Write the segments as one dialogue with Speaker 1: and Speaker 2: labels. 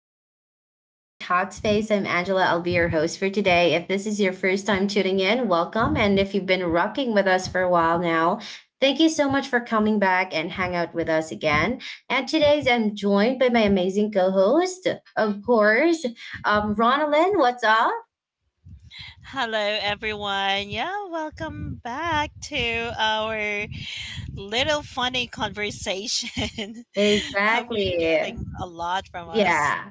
Speaker 1: welcome back again to Talkspace. I'm Angela. I'll be your host for today. If this is your first time tuning in, welcome. And if you've been rocking with us for a while now, thank you so much for coming back and hang out with us again. And today's I'm joined by my amazing co-host, of course, Ronalyn. What's up?
Speaker 2: Hello, everyone. Yeah, welcome back to our little funny conversation. Hope you're
Speaker 1: Exactly.
Speaker 2: getting a lot from us.
Speaker 1: Yeah.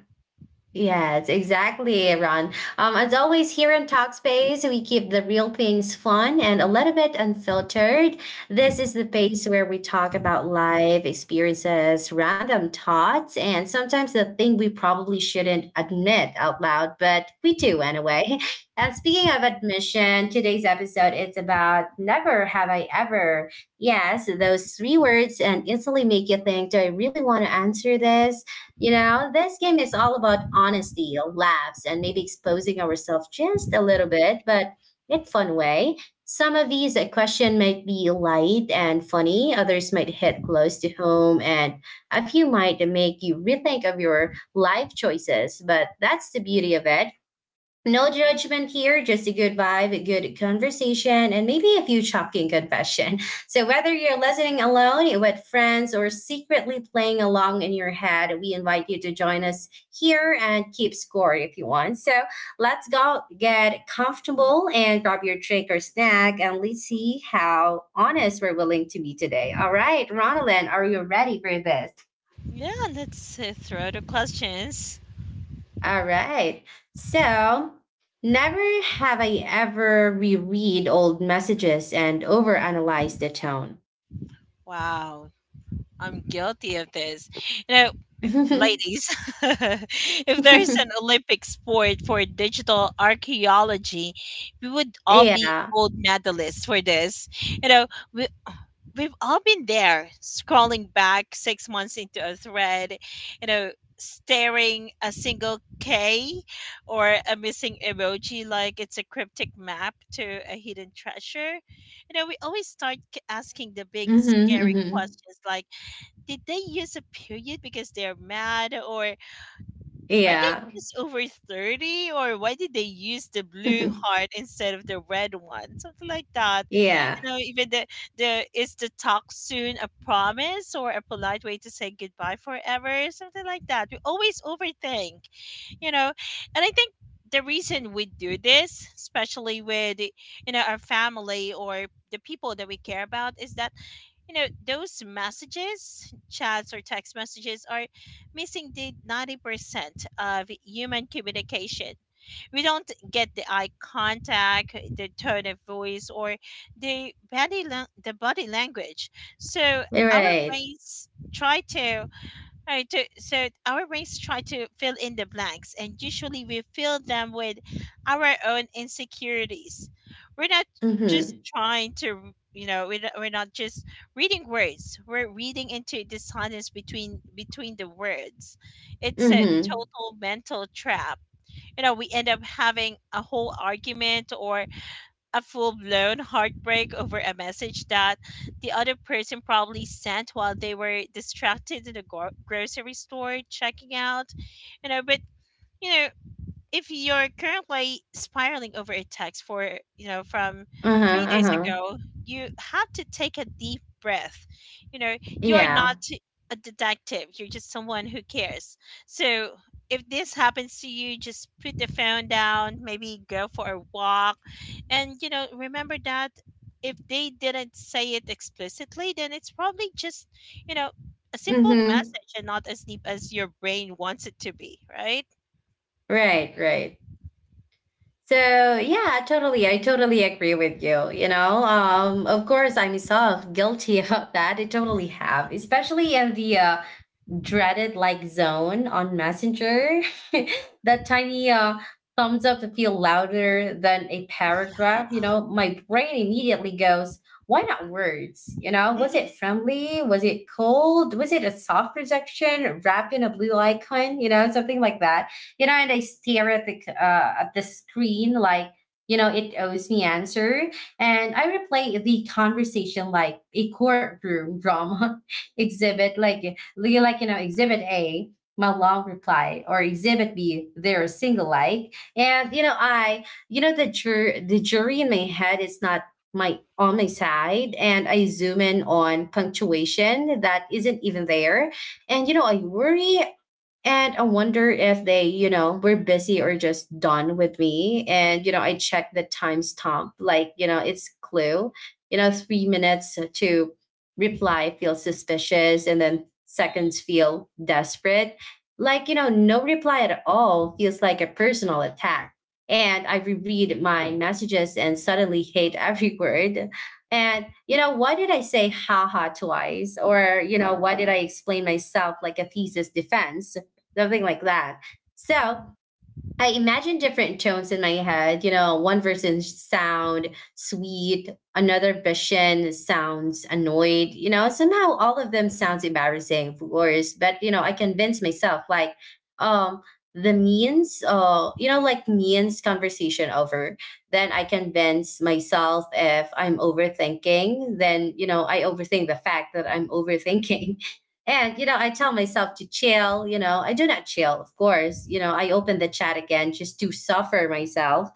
Speaker 1: Yes, exactly, Ron. As always, here in Talkspace, we keep the real things fun and a little bit unfiltered. This is the place where we talk about life experiences, random thoughts, and sometimes the thing we probably shouldn't admit out loud, but we do anyway. And speaking of admission, today's episode is about never have I ever. Yes, those three words and instantly make you think, do I really want to answer this? You know, this game is all about honesty, laughs, and maybe exposing ourselves just a little bit, but in fun way. Some of these question might be light and funny, others might hit close to home, and a few might make you rethink of your life choices. But that's the beauty of it, no judgment here, just a good vibe, a good conversation, and maybe a few shocking confession. So, whether you're listening alone, with friends, or secretly playing along in your head, we invite you to join us here and keep score if you want. So, let's go get comfortable and grab your drink or snack, and let's see how honest we're willing to be today. All right, Ronalyn, are you ready for this?
Speaker 2: Yeah, let's throw the questions.
Speaker 1: All right. So, never have I ever reread old messages and overanalyze the tone.
Speaker 2: Wow, I'm guilty of this. You know, ladies, if there's an Olympic sport for digital archaeology, we would all be
Speaker 1: Yeah.
Speaker 2: gold medalists for this. You know, we we've all been there scrolling back 6 months into a thread, you know staring a single k or a missing emoji like it's a cryptic map to a hidden treasure. We always start asking the big
Speaker 1: Mm-hmm,
Speaker 2: scary
Speaker 1: mm-hmm.
Speaker 2: questions like, did they use a period because they're mad? Or are they
Speaker 1: Yeah.
Speaker 2: just over 30? Or why did they use the blue heart instead of the red one? Something like that.
Speaker 1: Yeah.
Speaker 2: Know, even the is the talk soon a promise or a polite way to say goodbye forever? Something like that. We always overthink, you know, and I think the reason we do this, especially with our family or the people that we care about, is that those messages, chats or text messages, are missing the 90% of human communication. We don't get the eye contact, the tone of voice, or the the body language. So our
Speaker 1: Right.
Speaker 2: brains try to, so our brains try to fill in the blanks, and usually we fill them with our own insecurities. We're not just
Speaker 1: Mm-hmm.
Speaker 2: trying to, we're not just reading words. We're reading into the silence between the words. It's a
Speaker 1: Mm-hmm.
Speaker 2: total mental trap. We end up having a whole argument or a full blown heartbreak over a message that the other person probably sent while they were distracted in the grocery store checking out. you know, but you know, if you're currently spiraling over a text for you know from three
Speaker 1: Uh-huh.
Speaker 2: days
Speaker 1: Uh-huh.
Speaker 2: ago, you have to take a deep breath. You are not
Speaker 1: Yeah.
Speaker 2: a detective, you're just someone who cares. So if this happens to you, just put the phone down, maybe go for a walk, and remember that if they didn't say it explicitly, then it's probably just you know a simple
Speaker 1: Mm-hmm.
Speaker 2: message and not as deep as your brain wants it to be, right?
Speaker 1: Right, right. So yeah, totally. I totally agree with you. You know, of course, I'm myself guilty of that. I totally have, especially in the dreaded like zone on Messenger. That tiny thumbs up to feel louder than a
Speaker 2: Yeah.
Speaker 1: paragraph. You know, my brain immediately goes, why not words? You know, was it
Speaker 2: Mhm.
Speaker 1: friendly? Was it cold? Was it a soft rejection wrapped in a blue icon? You know, something like that. You know, and I stare at the at the screen like, you know, it owes me answer. And I replay the conversation like a courtroom drama exhibit, like you know exhibit a, my long reply, or exhibit b, they're single like, and you know I you know the jury in my head is not my on my side, and I zoom in on punctuation that isn't even there, and you know I worry, and I wonder if they, you know, were busy or just done with me. And, you know, I checked the timestamp, like, you know, it's clue, you know, 3 minutes to reply feels suspicious and then seconds feel desperate. Like, you know, no reply at all feels like a personal attack. And I reread my messages and suddenly hate every word. And, you know, why did I say haha twice? Or, you know, why did I explain myself like a thesis defense? Something like that. So
Speaker 2: Mm.
Speaker 1: I imagine different tones in my head. You know, one person sound sweet, another version sounds annoyed. You know, somehow all of them sounds embarrassing, of course. But you know, I convince myself like, um, the means, you know, like means conversation over. Then I convince myself if I'm overthinking, then you know I overthink the fact that I'm overthinking. And, you know, I tell myself to chill. You know, I do not chill, of course. You know, I open the chat again just to suffer myself.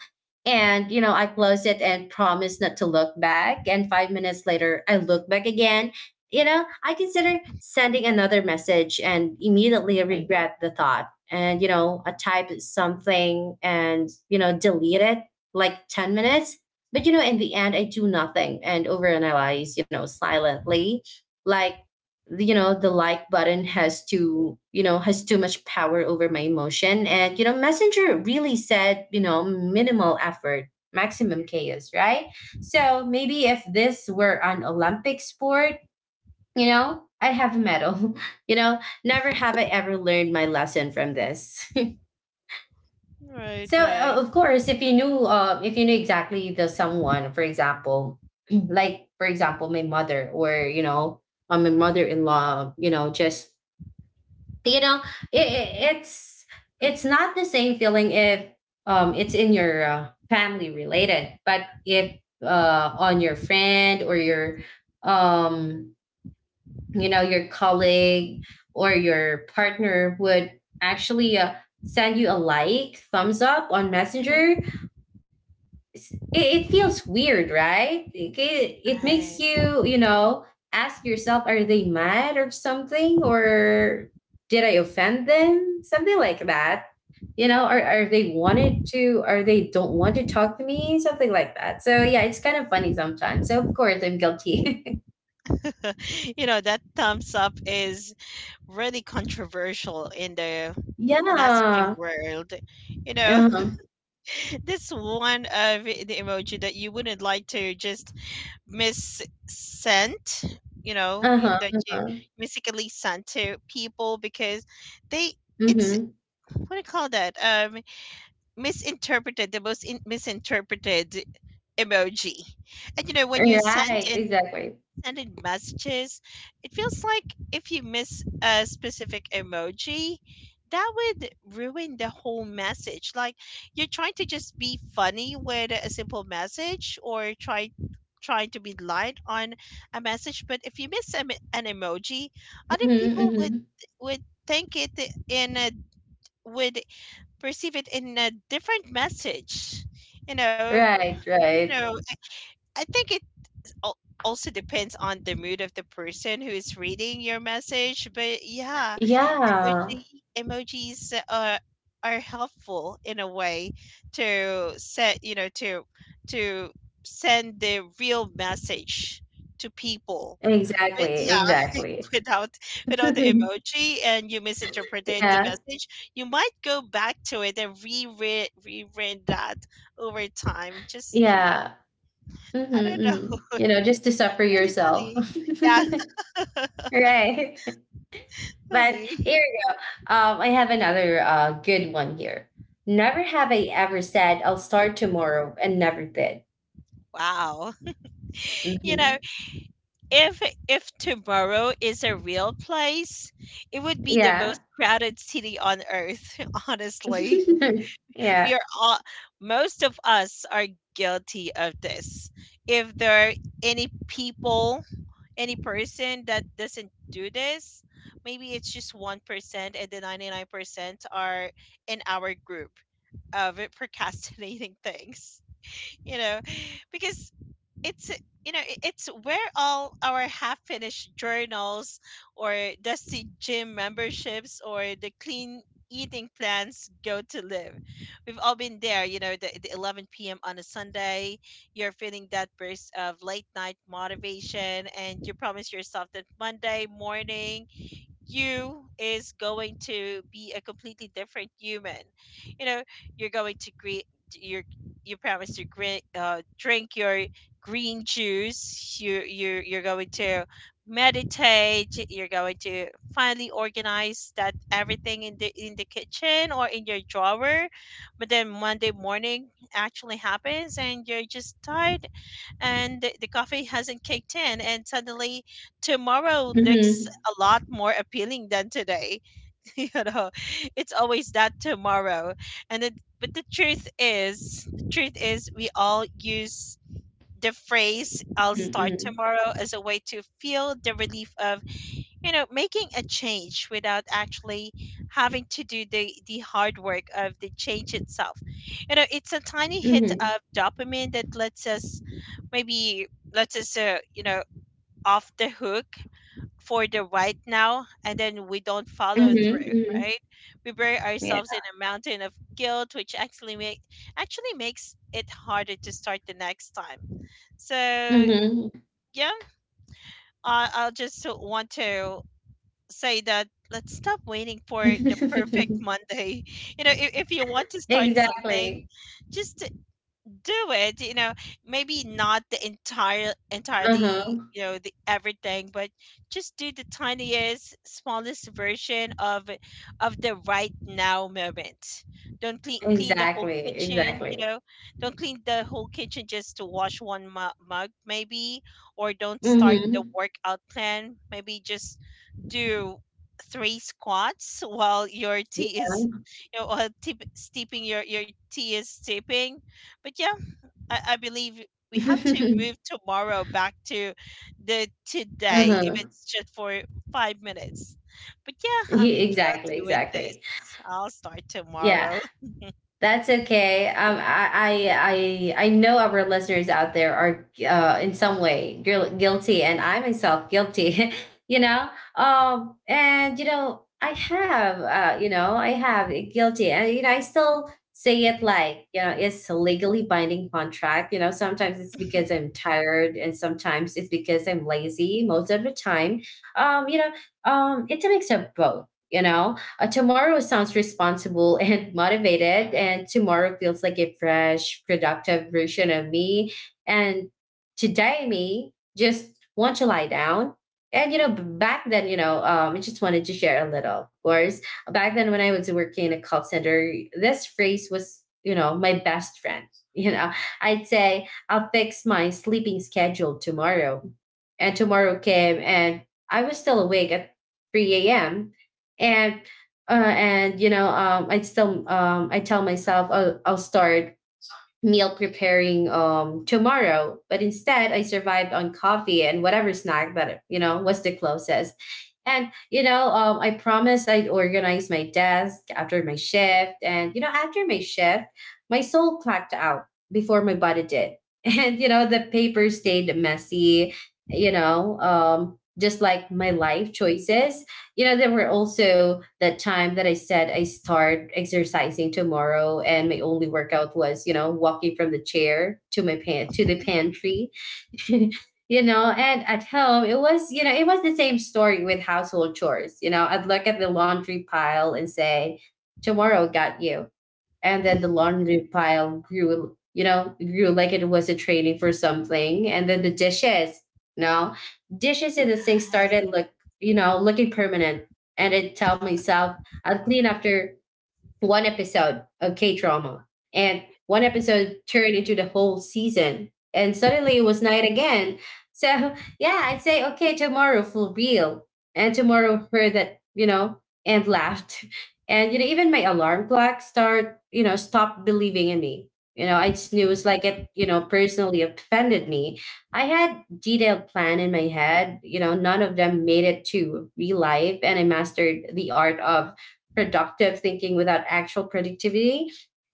Speaker 1: And, you know, I close it and promise not to look back. And 5 minutes later, I look back again. You know, I consider sending another message and immediately Right. regret the thought. And, you know, I type something and, you know, delete it like 10 minutes. But, you know, in the end, I do nothing and overanalyze, you know, silently like you know the like button has too you know has too much power over my emotion, and you know Messenger really said, you know, minimal effort maximum chaos, right? So maybe if this were an Olympic sport, you know, I'd have a medal. You know, never have I ever learned my lesson from this.
Speaker 2: Right,
Speaker 1: So
Speaker 2: right.
Speaker 1: of course if you knew exactly the someone, for example like for example my mother, or you know, my mother-in-law, you know, just you know it, it, it's it's not the same feeling if it's in your family related, but if on your friend or your um you know your colleague or your partner would actually send you a like thumbs up on
Speaker 2: Mhm.
Speaker 1: Messenger, it feels weird, right? Like, it makes
Speaker 2: Right.
Speaker 1: you, you know, ask yourself, are they mad or something? Or did I offend them? Something like that. You know, are they wanted to, are they don't want to talk to me? Something like that. So yeah, it's kind of funny sometimes. So of course I'm guilty.
Speaker 2: You know, that thumbs up is really controversial in the
Speaker 1: Yeah.
Speaker 2: messaging world. You know,
Speaker 1: Uh-huh.
Speaker 2: this one of the emoji that you wouldn't like to just miss sent, you know,
Speaker 1: Uh-huh.
Speaker 2: that you
Speaker 1: Uh-huh.
Speaker 2: mistakenly sent to people because they it's
Speaker 1: Mm-hmm.
Speaker 2: what do you call that? Misinterpreted, the misinterpreted emoji. And when you
Speaker 1: Right. Exactly.
Speaker 2: sending messages, it feels like if you miss a specific emoji, that would ruin the whole message. Like, you're trying to just be funny with a simple message, or trying to be light on a message, but if you miss an emoji, other
Speaker 1: Mm-hmm,
Speaker 2: people would
Speaker 1: mm-hmm.
Speaker 2: think it in a would perceive it in a different message. You know,
Speaker 1: Right.
Speaker 2: you know,
Speaker 1: Right.
Speaker 2: I think it al- also depends on the mood of the person who is reading your message. But yeah,
Speaker 1: Yeah.
Speaker 2: emoji emojis are helpful in a way to set, to send the real message to people.
Speaker 1: Exactly,
Speaker 2: But yeah,
Speaker 1: exactly.
Speaker 2: without the emoji and you misinterpreted the
Speaker 1: Yeah,
Speaker 2: message, you might go back to it and reread that over time, just
Speaker 1: yeah.
Speaker 2: I
Speaker 1: Mhm,
Speaker 2: don't know.
Speaker 1: mhm. You know, just to suffer
Speaker 2: Really
Speaker 1: yourself.
Speaker 2: funny. Yeah.
Speaker 1: Right. But
Speaker 2: Funny.
Speaker 1: here we go. I have another good one here. Never have I ever said I'll start tomorrow and never did.
Speaker 2: Wow. You know,
Speaker 1: Hmm
Speaker 2: if tomorrow is a real place, it would be the most
Speaker 1: Yeah.
Speaker 2: crowded city on earth, honestly.
Speaker 1: Yeah.
Speaker 2: We are all most of us are guilty of this. If there are any people, any person that doesn't do this, maybe it's just 1%, and the 99% are in our group of procrastinating things. You know, because it's it's where all our half finished journals or dusty gym memberships or the clean eating plans go to live. We've all been there, the 11 p.m on a Sunday, you're feeling that burst of late night motivation, and you promise yourself that Monday morning you is going to be a completely different human. You know, you're going to greet your you promise to drink your green juice. You're going to meditate. You're going to finally organize that everything in the kitchen or in your drawer. But then Monday morning actually happens, and you're just tired, and the coffee hasn't kicked in, and suddenly tomorrow looks
Speaker 1: hmm
Speaker 2: a lot more appealing than today. you know it's always that tomorrow. And it But the truth is, we all use the phrase I'll start
Speaker 1: hmm
Speaker 2: tomorrow as a way to feel the relief of, making a change without actually having to do the hard work of the change itself. You know, it's a tiny hit
Speaker 1: hmm
Speaker 2: of dopamine that lets us maybe lets us, off the hook for the right now, and then we don't
Speaker 1: hmm
Speaker 2: follow through,
Speaker 1: hmm
Speaker 2: right? We bury
Speaker 1: Yeah.
Speaker 2: ourselves in a mountain of guilt, which actually makes it harder to start the next time. So
Speaker 1: hmm
Speaker 2: yeah, I, I'll just want to say that let's stop waiting for the perfect Monday. You know, if you want to start something,
Speaker 1: Exactly.
Speaker 2: just do it. You know, maybe not the entirely,
Speaker 1: Uh-huh.
Speaker 2: you know the everything, but just do the tiniest smallest version of the right now moment. Don't clean the whole
Speaker 1: Exactly,
Speaker 2: kitchen.
Speaker 1: exactly.
Speaker 2: Don't clean the whole kitchen, just to wash one mug maybe. Or don't start the
Speaker 1: Mhm.
Speaker 2: workout plan, maybe just do three squats while your
Speaker 1: Yeah.
Speaker 2: tea is, you know, while tip, steeping your tea is steeping. But yeah, I believe we have to move tomorrow back to the today, if
Speaker 1: Uh-huh.
Speaker 2: it's just for 5 minutes. But yeah,
Speaker 1: Yeah,
Speaker 2: I'm
Speaker 1: exactly,
Speaker 2: guilty with this.
Speaker 1: exactly.
Speaker 2: I'll start
Speaker 1: Yeah.
Speaker 2: tomorrow.
Speaker 1: That's okay. I know our listeners out there are in some way guilty, and I myself guilty. You know, and you know, I have, you know, I have it guilty, and you know, I still say it like you know, it's a legally binding contract. You know, sometimes it's because I'm tired, and sometimes it's because I'm lazy. Most of the time, you know, it's a mix of both. You know, tomorrow sounds responsible and motivated, and tomorrow feels like a fresh, productive version of me. And today, me just want to lie down. And you know, back then, you know, I just wanted to share a little. Of course, back then when I was working in a call center, this phrase was, you know, my best friend. You know, I'd say I'll fix my sleeping schedule tomorrow, and tomorrow came, and I was still awake at three a.m. And you know I still I tell myself I'll start meal preparing tomorrow, but instead I survived on coffee and whatever snack that you know was the closest, and you know I promised I'd organize my desk after my shift, and you know after my shift my soul clocked out before my body did. And you know the paper stayed messy, you know just like my life choices. You know, there were also that time that I said I start exercising tomorrow, and my only workout was, you know, walking from the chair to my pan to the pantry. You know, and at home it was, you know, it was the same story with household chores. You know, I'd look at the laundry pile and say, "Tomorrow got you," and then the laundry pile grew, grew like it was a training for something, and then the dishes, no, dishes in the sink
Speaker 2: Right.
Speaker 1: started look, looking permanent, and it tell myself I'll clean after one episode of K drama, and one episode turned into the whole season, and suddenly it was night again. So yeah, I'd say okay tomorrow for real, and tomorrow heard that you know and laughed, and you know even my alarm clock start you know stopped believing in me. You know, I snooze like it, you know, personally offended me. I had detailed plan in my head. You know, none of them made it to real life, and I mastered the art of productive thinking without actual productivity.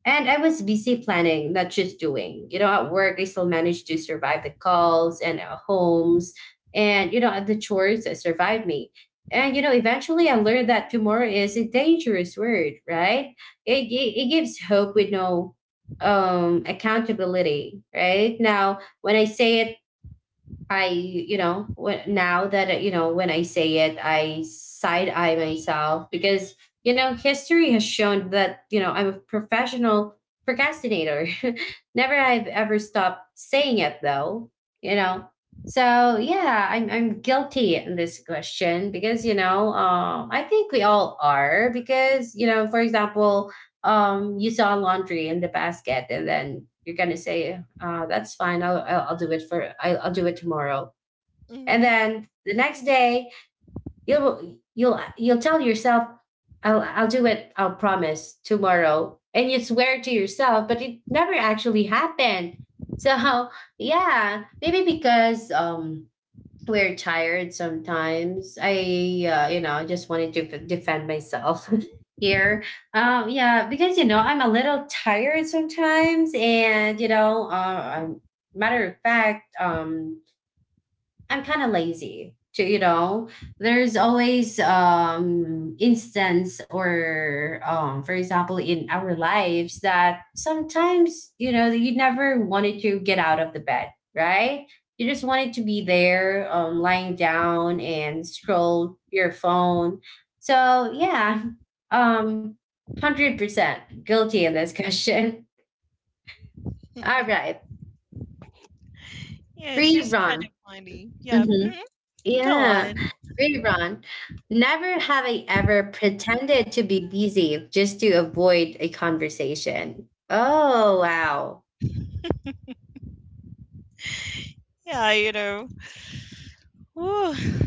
Speaker 1: And I was busy planning, not just doing. You know, at work, I still managed to survive the calls and homes, and, you know, the chores that survived me. And, you know, eventually I learned that tomorrow is a dangerous word, right? It, it, it gives hope with no accountability, right? Now, when I say it, I, you know, when, now that, you know, when I say it, I side eye myself because, you know, history has shown that, you know, I'm a professional procrastinator. Never I've ever stopped saying it though, you know. So yeah, I'm guilty in this question because you know, I think we all are because you know for example you saw laundry in the basket, and then you're gonna say that's fine. I'll do it for I'll do it tomorrow. And
Speaker 2: hmm
Speaker 1: then the next day you'll tell yourself I'll do it, I'll promise tomorrow, and you swear to yourself but it never actually happened. So yeah, maybe because we're tired sometimes. I you know, just wanted to defend myself here. Yeah, because you know I'm a little tired sometimes, and you know, matter of fact, I'm kind of lazy to, you know, there's always instance or for example in our lives that sometimes, you know, you never wanted to get out of the bed, right? You just wanted to be there, lying down and scroll your phone. So yeah, um 100% guilty in this question. All right,
Speaker 2: Yeah, it's
Speaker 1: free
Speaker 2: just kind of
Speaker 1: run.
Speaker 2: funny. Yeah.
Speaker 1: Mm-hmm.
Speaker 2: mhm, Go
Speaker 1: Yeah,
Speaker 2: on.
Speaker 1: really, Ron. Never have I ever pretended to be busy just to avoid a conversation. Oh, wow.
Speaker 2: Yeah, you know. Whew,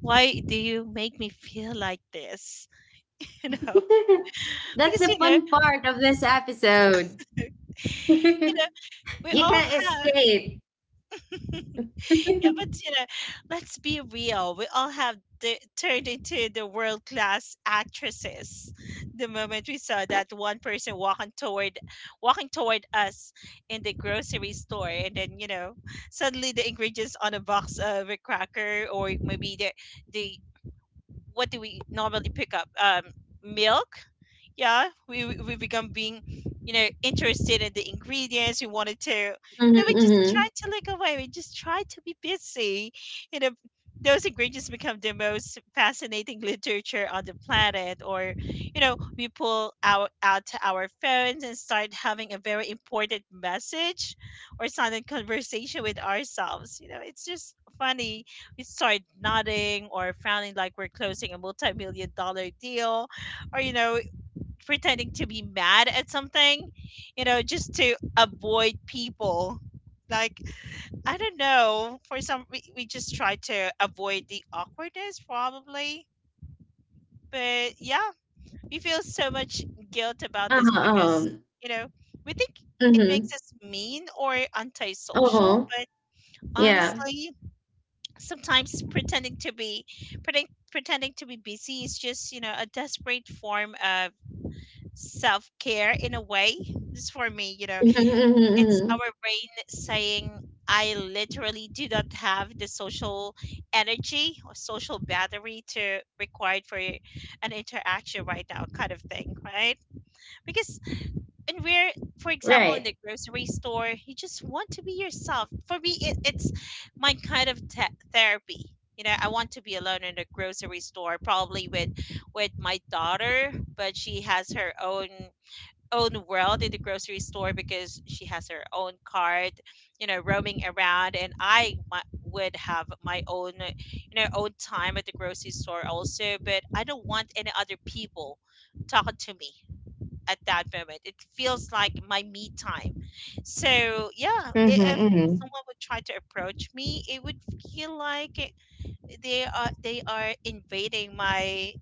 Speaker 2: why do you make me feel like this? You know,
Speaker 1: That's
Speaker 2: because
Speaker 1: the
Speaker 2: you know,
Speaker 1: fun part of this episode.
Speaker 2: you know,
Speaker 1: You
Speaker 2: we all
Speaker 1: can't
Speaker 2: have.
Speaker 1: escape.
Speaker 2: Yeah, but you know, let's be real. We all have the, turned into the world class actresses the moment we saw that one person walking toward us in the grocery store, and then suddenly the ingredients on a box of a cracker, or maybe the, what do we normally pick up? Milk. Yeah, we become being, interested in the ingredients. We wanted to,
Speaker 1: Mm-hmm,
Speaker 2: we just
Speaker 1: mm-hmm.
Speaker 2: try to look away, we just try to be busy. you know those ingredients become the most fascinating literature on the planet. Or, we pull out to our phones and start having a very important message or silent conversation with ourselves. It's just funny. We start nodding or frowning like we're closing a multi-million-dollar deal, or pretending to be mad at something, just to avoid people. Like, I don't know, for some, we just try to avoid the awkwardness probably. But yeah, we feel so much guilt about this
Speaker 1: Uh-huh,
Speaker 2: because,
Speaker 1: um,
Speaker 2: you know, we think it
Speaker 1: mm-hmm.
Speaker 2: makes us mean or antisocial.
Speaker 1: Uh-huh.
Speaker 2: But
Speaker 1: Yeah.
Speaker 2: honestly, sometimes pretending to be busy is just, a desperate form of self care in a way. Just for me,
Speaker 1: Mm-hmm, mm-hmm,
Speaker 2: it's
Speaker 1: mm-hmm.
Speaker 2: our brain saying, I literally do not have the social energy or social battery to required for an interaction right now, kind of thing, right? Because when we're, for example, in
Speaker 1: Right.
Speaker 2: the grocery store, you just want to be yourself. For me, it's my kind of therapy. You know, I want to be alone in a grocery store, probably with my daughter, but she has her own world in the grocery store because she has her own cart, roaming around, and I would have my own, own time at the grocery store also. But I don't want any other people talking to me at that moment. It feels like my me time. So yeah,
Speaker 1: Mm-hmm,
Speaker 2: if
Speaker 1: mm-hmm.
Speaker 2: someone would try to approach me, it would feel like they are invading my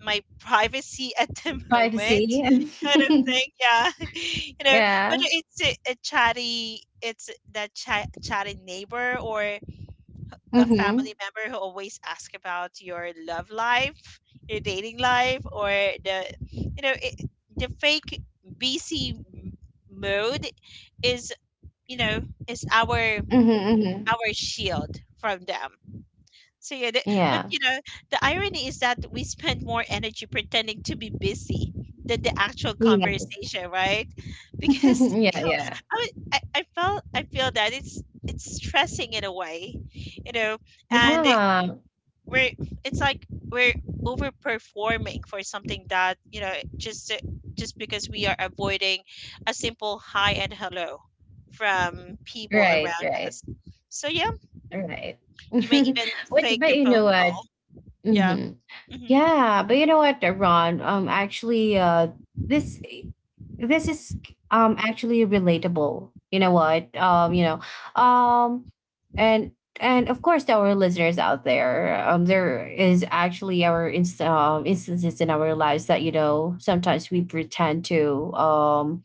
Speaker 2: privacy at the moment,
Speaker 1: Privacy.
Speaker 2: kind of thing, yeah. you know, but
Speaker 1: Yeah.
Speaker 2: it's a chatty, it's that chatty neighbor, or a family
Speaker 1: Mm-hmm,
Speaker 2: member who always ask about your love life, your dating life, or the, you know it, the fake bc m- mode is, you know is our
Speaker 1: mm-hmm, mm-hmm.
Speaker 2: shield from them. So yeah, the, but
Speaker 1: Yeah.
Speaker 2: you know, the irony is that we spend more energy pretending to be busy than the actual
Speaker 1: Yes.
Speaker 2: conversation, right? Because you
Speaker 1: Yeah,
Speaker 2: know,
Speaker 1: yeah.
Speaker 2: I, was- I felt I feel that it's stressing in a way, and it-
Speaker 1: Yeah.
Speaker 2: we're it's like we're overperforming for something that just because we are avoiding a simple hi and hello from people
Speaker 1: Right,
Speaker 2: around us.
Speaker 1: right,
Speaker 2: So yeah,
Speaker 1: right.
Speaker 2: you may
Speaker 1: Which,
Speaker 2: even fake
Speaker 1: but
Speaker 2: a
Speaker 1: you know
Speaker 2: phone
Speaker 1: what?
Speaker 2: call. Yeah.
Speaker 1: Mhm.
Speaker 2: hmm
Speaker 1: Yeah, but you know what, Ron? Actually, this this is actually relatable. You know what? You know, um, and and of course, to our listeners out there, there is actually our instances in our lives that, you know, sometimes we pretend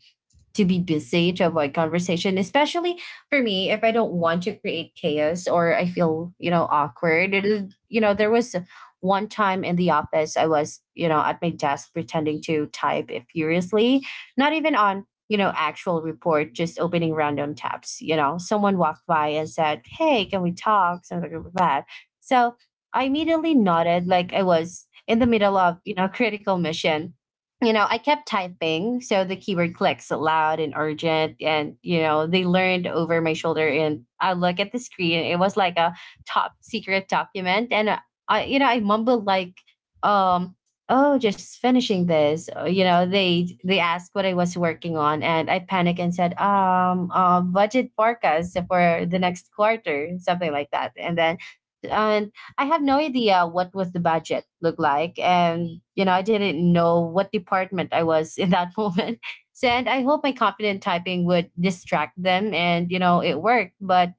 Speaker 1: to be busy to avoid conversation, especially for me if I don't want to create chaos or I feel, you know, awkward. You know, there was one time in the office I was, you know, at my desk pretending to type furiously, not even on, you know, actual report, just opening random tabs. You know, someone walked by and said, hey, can we talk, something like that. So I immediately nodded like I was in the middle of, you know, critical mission. You know, I kept typing, so the keyboard clicks loud and urgent, and you know, they learned over my shoulder. And I look at the screen; it was like a top secret document, and you know, I mumbled like, um, "Oh, just finishing this." You know, they asked what I was working on, and I panicked and said, budget forecast for the next quarter, something like that." And then and I have no idea what was the budget look like, and you know I didn't know what department I was in that moment. So and I hope my confident typing would distract them, and you know it worked, but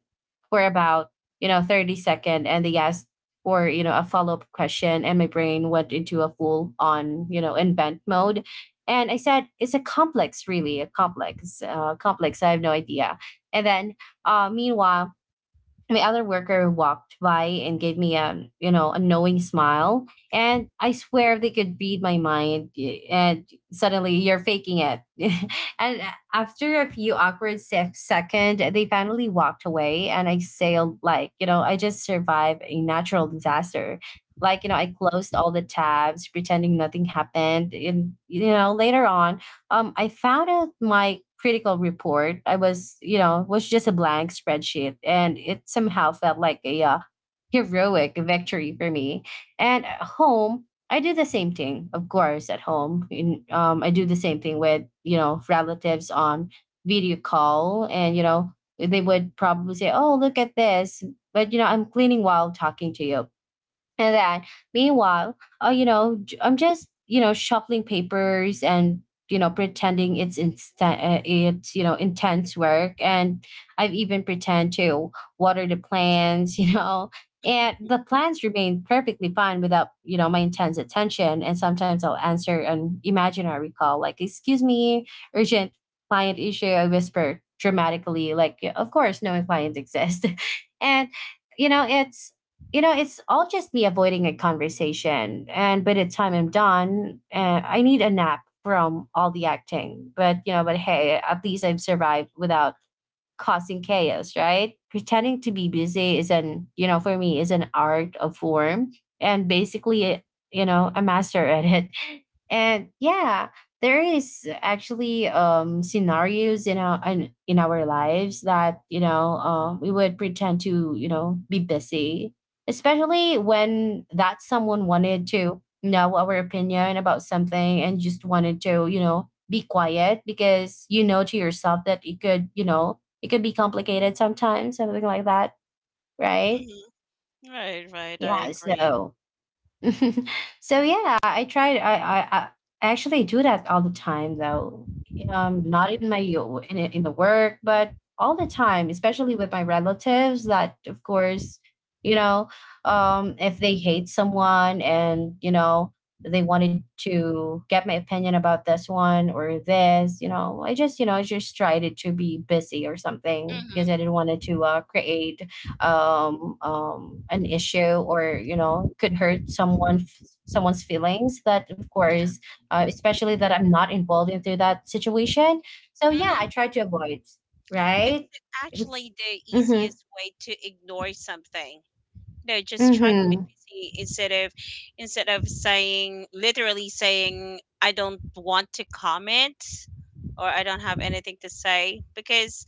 Speaker 1: for about you know 30 second, and they asked for, you know, a follow up question, and my brain went into a full on, you know, invent mode. And I said, it's a complex, really, a complex, complex. I have no idea. And then meanwhile, my other worker walked by and gave me a, you know, a knowing smile, and I swear they could read my mind, and suddenly you're faking it. And after a few awkward seconds, they finally walked away, and I sailed like, you know, I just survived a natural disaster. Like, you know, I closed all the tabs pretending nothing happened, and you know later on, I found out my critical report. I was, you know, was just a blank spreadsheet, and it somehow felt like a heroic victory for me. And at home, I do the same thing, of course, at home. I do the same thing with, you know, relatives on video call, and you know, they would probably say, "Oh, look at this," but you know, I'm cleaning while talking to you. And then, meanwhile, you know, I'm just, you know, shuffling papers and, you know, pretending it's instant, it's, you know, intense work. And I've even pretend to water the plants, you know, and the plants remain perfectly fine without, you know, my intense attention. And sometimes I'll answer an imaginary call like, excuse me, urgent client issue. I whisper dramatically, like, "Yeah, of course, knowing clients exist. And, you know, it's you know it's all just me avoiding a conversation, and by the time I'm done, I need a nap from all the acting. But you know, but hey, at least I've survived without causing chaos, right? Pretending to be busy is an, you know, for me is an art of form, and basically, you know, a master at it. And yeah, there is actually scenarios in our in our lives that, you know, we would pretend to, you know, be busy, especially when that someone wanted to know our opinion about something, and just wanted to, you know, be quiet because, you know, to yourself that it could, you know, it could be complicated sometimes, something like that. Right.
Speaker 2: hmm Right, right. I
Speaker 1: Yeah,
Speaker 2: agree.
Speaker 1: so so yeah, I tried. I actually do that all the time, though. Not in my in the work, but all the time, especially with my relatives. That of course, you know, if they hate someone and you know they wanted to get my opinion about this one or this, you know, I just, you know, I just tried it to be busy or something because I
Speaker 2: Mm-hmm.
Speaker 1: didn't want it to create an issue or you know could hurt someone someone's feelings, that of
Speaker 2: Yeah.
Speaker 1: course especially that I'm not involved into that situation. So yeah, I
Speaker 2: hmm
Speaker 1: try to avoid.
Speaker 2: It's
Speaker 1: Right. It's
Speaker 2: actually the
Speaker 1: mm-hmm,
Speaker 2: easiest way to ignore something. You know, just try to be
Speaker 1: mm-hmm,
Speaker 2: busy instead of saying, literally saying, I don't want to comment, or I don't have anything to say, because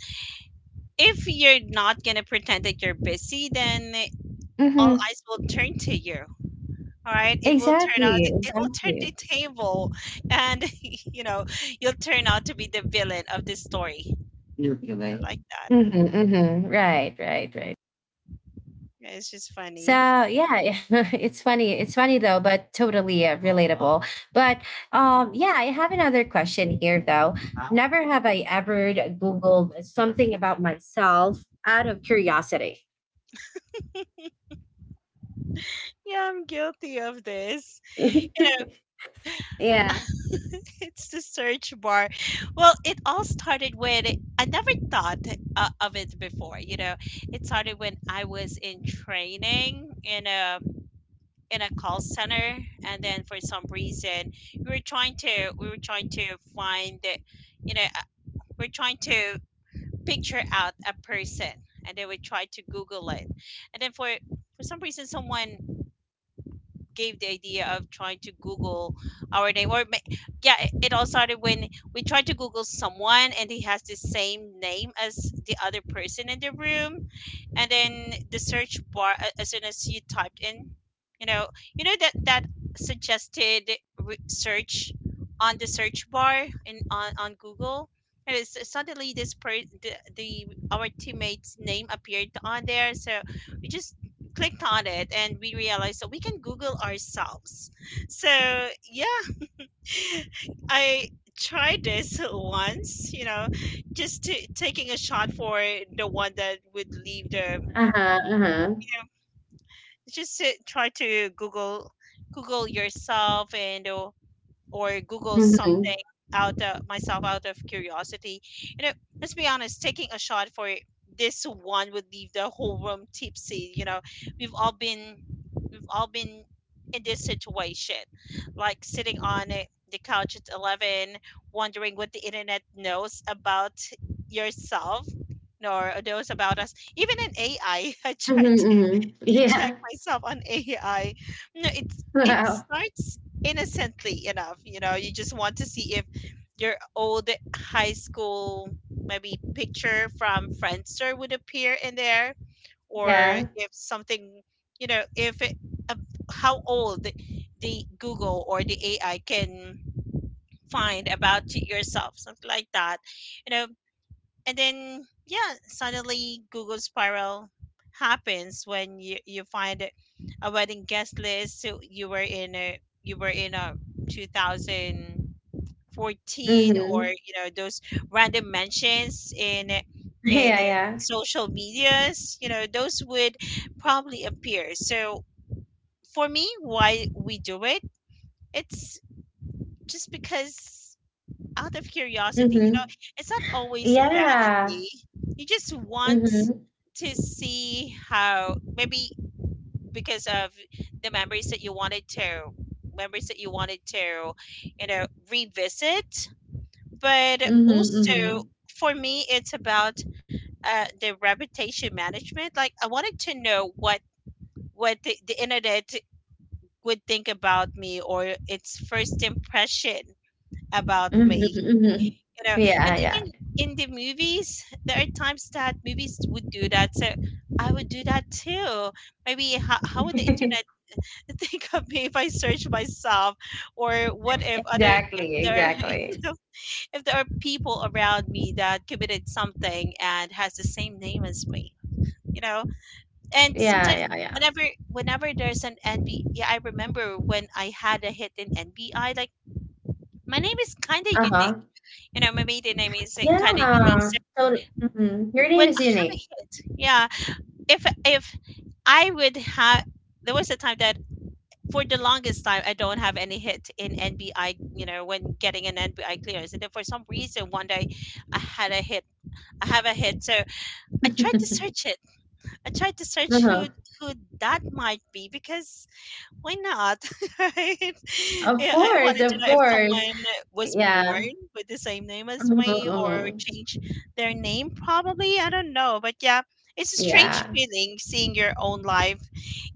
Speaker 2: if you're not gonna pretend that you're busy, then all
Speaker 1: mm-hmm.
Speaker 2: eyes will turn to you. All right, it will turn out,
Speaker 1: Exactly,
Speaker 2: it will turn the
Speaker 1: exactly.
Speaker 2: table, and you know, you'll turn out to be the villain of the story. I
Speaker 1: Manipulate.
Speaker 2: like that.
Speaker 1: Mm-hmm, mm-hmm. Right, right, right.
Speaker 2: Yeah, it's just
Speaker 1: So
Speaker 2: funny.
Speaker 1: yeah, it's funny. It's funny though, but totally relatable. But yeah, I have another question here though. Never have I ever Googled something about myself out of curiosity.
Speaker 2: Yeah, I'm guilty of this. You know,
Speaker 1: Yeah.
Speaker 2: it's the search bar. Well, it all started when I never thought of it before. You know, it started when I was in training in a call center, and then for some reason we were trying to find, you know, uh, we're trying to picture out a person, and they would try to google it. And then for some reason someone gave the idea of trying to google our name or yeah, it all started when we tried to google someone, and he has the same name as the other person in the room. And then the search bar, as soon as you typed in, you know you know that that suggested search on the search bar on google, and suddenly the our teammate's name appeared on there. So we just clicked on it, and we realized that we can google ourselves. So yeah. I tried this once, you know, just taking a shot for the one that would leave the
Speaker 1: Uh huh. Uh huh.
Speaker 2: yeah. Just to try to Google Google yourself and or Google
Speaker 1: Mm-hmm.
Speaker 2: something out of myself out of curiosity. You know, let's be honest, taking a shot for this one would leave the whole room tipsy. You know, we've all been we've all been in this situation, like sitting on a- the couch at 11, wondering what the internet knows about yourself, nor knows about us. Even an AI, I I tried
Speaker 1: Mm-hmm, hmm.
Speaker 2: to check
Speaker 1: Yeah.
Speaker 2: myself on AI. No, it's, it
Speaker 1: Wow.
Speaker 2: starts innocently enough. You know, you just want to see if your old high school maybe picture from Friendster would appear in there, or
Speaker 1: Yeah.
Speaker 2: if something, you know, if it, uh, how old the Google or the AI can find about y- yourself, something like that. You know, and then yeah, suddenly google spiral happens when you find a wedding guest list, so you were in a 2014, or
Speaker 1: Mm-hmm.
Speaker 2: you know those random mentions in
Speaker 1: Yeah. Yeah.
Speaker 2: social medias. You know, those would probably appear. So for me, why we do it, it's just because out of curiosity. You know,
Speaker 1: Mm-hmm.
Speaker 2: it's not always a
Speaker 1: Yeah.
Speaker 2: vanity. You just want
Speaker 1: Mm-hmm.
Speaker 2: to see how, maybe because of the memories that you wanted to memories that you wanted to, you know, revisit. But also
Speaker 1: Mm-hmm.
Speaker 2: for me, it's about the reputation management. Like I wanted to know what the internet would think about me, or its first impression about
Speaker 1: Mm-hmm.
Speaker 2: me.
Speaker 1: Mm-hmm. Mm-hmm.
Speaker 2: You know, and
Speaker 1: Yeah.
Speaker 2: even in the movies, there are times that movies would do that, so I would do that too. Maybe how would the
Speaker 1: Yeah.
Speaker 2: internet think of me if I search myself, or what if other, if
Speaker 1: Exactly,
Speaker 2: there, you
Speaker 1: exactly.
Speaker 2: know, if there are people around me that committed something and has the same name as me. You know, and
Speaker 1: Yeah,
Speaker 2: sometimes
Speaker 1: yeah, yeah.
Speaker 2: whenever whenever there's an nb, yeah, I remember when I had a hit in nbi, like my name is kind of unique.
Speaker 1: Uh-huh.
Speaker 2: You know, my maiden name is kind of unique.
Speaker 1: Yeah.
Speaker 2: So
Speaker 1: So mhm, your name
Speaker 2: when
Speaker 1: is
Speaker 2: I have a
Speaker 1: unique.
Speaker 2: hit, yeah. If I would have, there was a time that for the longest time I don't have any hit in NBI. You know, when getting an NBI clearance, and then for some reason one day I had a hit. I have a hit, so I tried to search it. I tried to search
Speaker 1: Uh-huh.
Speaker 2: who that might be, because why not? Right?
Speaker 1: Of
Speaker 2: Yeah, I
Speaker 1: course,
Speaker 2: wanted to
Speaker 1: of
Speaker 2: know if
Speaker 1: course.
Speaker 2: someone was
Speaker 1: Yeah.
Speaker 2: born with the same name as
Speaker 1: Mhm,
Speaker 2: me, or
Speaker 1: mhm.
Speaker 2: changed their name, probably. I don't know. But yeah, it's a strange
Speaker 1: Yeah.
Speaker 2: feeling seeing your own life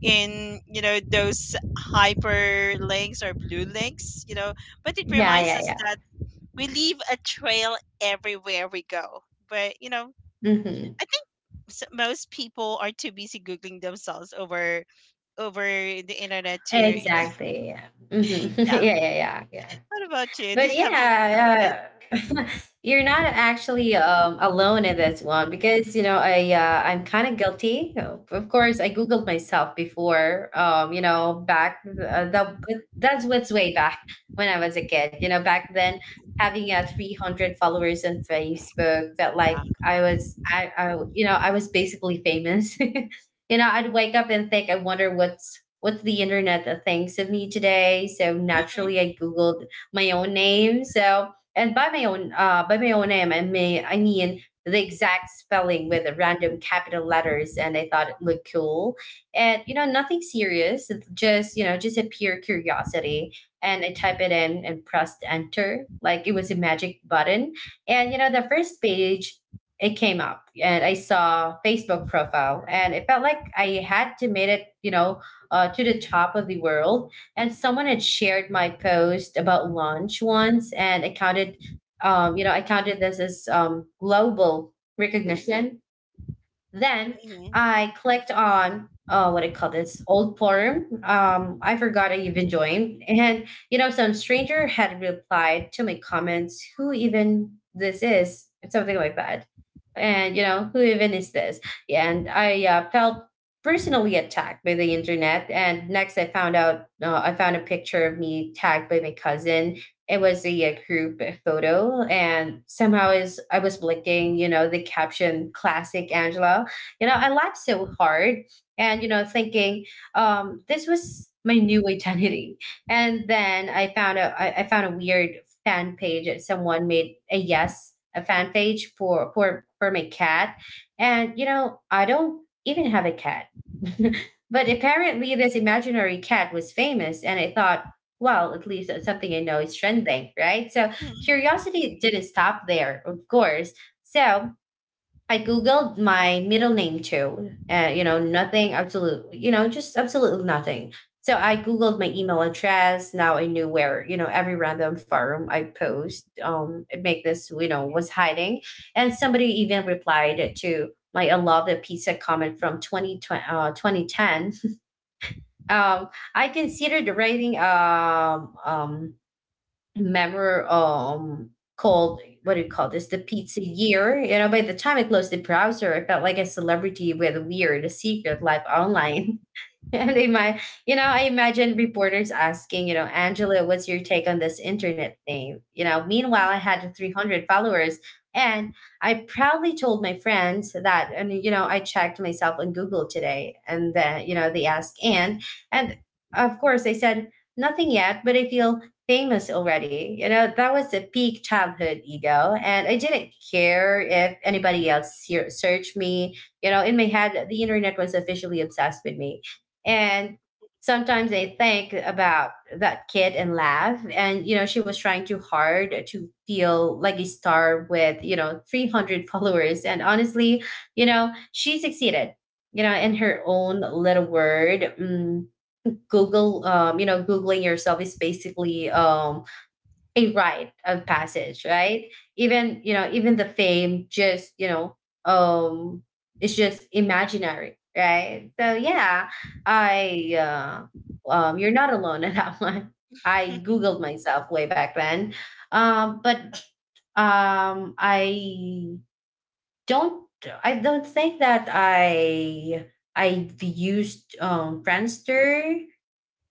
Speaker 2: in, you know, those hyperlinks or blue links, you know. But it
Speaker 1: Yeah,
Speaker 2: reminds
Speaker 1: yeah,
Speaker 2: us
Speaker 1: yeah.
Speaker 2: that we leave a trail everywhere we go. But, you know,
Speaker 1: Hmm.
Speaker 2: I think s- most people are too busy googling themselves over the internet to you know.
Speaker 1: Exactly. Yeah. Hmm. Yeah,
Speaker 2: Yeah.
Speaker 1: yeah, yeah, yeah.
Speaker 2: What about you?
Speaker 1: But
Speaker 2: Did, have you tried it?
Speaker 1: yeah, you're not actually alone in this one because you know I'm kind of guilty. Of course, I googled myself before. You know, that's what's way back when I was a kid. You know, back then having 300 followers on Facebook felt like
Speaker 2: Wow.
Speaker 1: I was I you know I was basically famous. You know, I'd wake up and think, I wonder what's the internet that thinks of me today. So naturally, I googled my own name. So, and by my own name, I mean the exact spelling with the random capital letters, and I thought it looked cool. And you know, nothing serious. It's just, you know, just a pure curiosity. And I type it in and pressed enter, like it was a magic button. And you know, the first page it came up and I saw Facebook profile and it felt like I had to made it, you know, to the top of the world. And someone had shared my post about lunch once, and I counted you know, I counted this as global recognition. Then
Speaker 2: Mm-hmm.
Speaker 1: I clicked on what I call this old forum. I forgot I even joined, and you know, some stranger had replied to my comments, "Who even this is?" Something like that, and you know, who even is this? And I felt personally attacked by the internet. And next, I found a picture of me tagged by my cousin. It was a, group photo and somehow is I was blinking. You know, the caption classic Angela, you know, I laughed so hard, and you know thinking this was my new identity. And then I found a weird fan page that someone made a, yes, a fan page for for my cat, and you know I don't even have a cat. But apparently this imaginary cat was famous, and I thought, well, at least that's something I know is trending, right? So
Speaker 2: Hmm.
Speaker 1: curiosity didn't stop there, of course. So I Googled my middle name too. You know, nothing absolute, you know, just absolutely nothing. So I Googled my email address. Now I knew where, you know, every random forum I post, make this, you know, was hiding. And somebody even replied to my "I love the pizza" comment from 2010. Um, I considered writing, member, called, what do you call this, the pizza year. You know, by the time I closed the browser, I felt like a celebrity with a weird secret life online. And ima- you know, I imagine reporters asking, you know, "Angela, what's your take on this internet thing?" You know, meanwhile, I had 300 followers, and I proudly told my friends that, and, you know, I checked myself on Google today, and then, you know, they asked, and, and of course I said, "Nothing yet, but I feel famous already." You know, that was a peak childhood ego. And I didn't care if anybody else here searched me. You know, in my head, the internet was officially obsessed with me, and sometimes they think about that kid and laugh, and you know, she was trying too hard to feel like a star with, you know, 300 followers. And honestly, you know, she succeeded, you know, in her own little word. Google You know, googling yourself is basically a rite of passage, right? Even, you know, even the fame just, you know, um, it's just imaginary, right? So yeah, I you're not alone in that one. I Googled myself way back then, but I don't. I don't think that I used Friendster,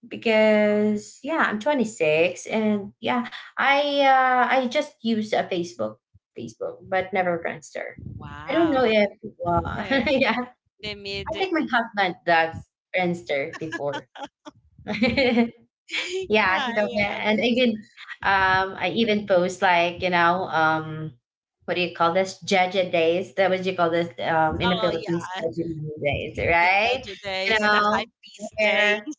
Speaker 1: because yeah, I'm 26, and yeah, I just use a Facebook, but never Friendster. I don't know
Speaker 2: Wow.
Speaker 1: if uh,
Speaker 2: The
Speaker 1: yeah.
Speaker 2: the
Speaker 1: I
Speaker 2: mid.
Speaker 1: think my husband does Friendster before.
Speaker 2: Yeah,
Speaker 1: Yeah,
Speaker 2: I,
Speaker 1: he does
Speaker 2: wa-
Speaker 1: that.
Speaker 2: I
Speaker 1: And
Speaker 2: was.
Speaker 1: even, I even post, like, you know, what do you call this, jaja days. That was, you call this, in the
Speaker 2: Oh
Speaker 1: Philippines,
Speaker 2: yeah,
Speaker 1: jaja days,
Speaker 2: the
Speaker 1: right?
Speaker 2: judge
Speaker 1: You
Speaker 2: days, the high
Speaker 1: know,
Speaker 2: beast days,
Speaker 1: where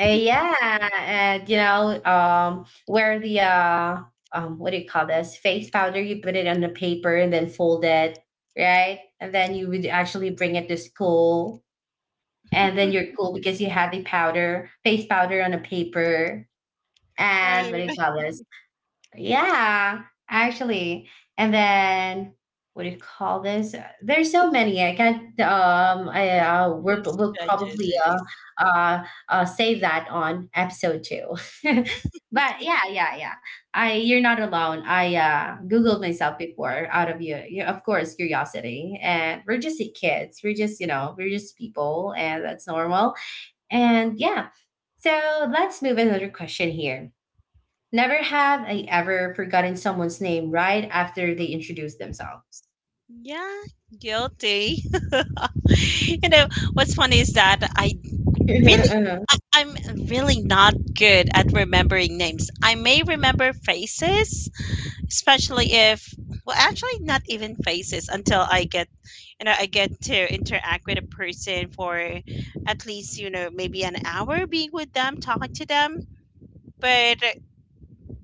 Speaker 1: yeah, and you know, where the what do you call this, face powder, you put it on the paper and then fold it, right? And then you would actually bring it to school, and then you're cool because you have the powder, face powder on a paper, and what do you
Speaker 2: right?
Speaker 1: call this? Yeah, actually. And then what do you call this? There's so many. I can't.
Speaker 2: Those
Speaker 1: We'll
Speaker 2: Jeju
Speaker 1: probably
Speaker 2: days.
Speaker 1: save that on episode 2. But yeah, yeah, yeah. I You're not alone. I Googled myself before out of you, you of course, curiosity. And we're just kids. We're just people, and that's normal. And yeah. So let's move another question here. Never have I ever forgotten someone's name right after they introduce themselves.
Speaker 2: Yeah, guilty. You know what's funny is that
Speaker 1: Uh-huh,
Speaker 2: really,
Speaker 1: uh-huh.
Speaker 2: I'm really not good at remembering names. I may remember faces, especially if, well actually not even faces until I get you know, I get to interact with a person for at least, you know, maybe an hour, being with them, talking to them. But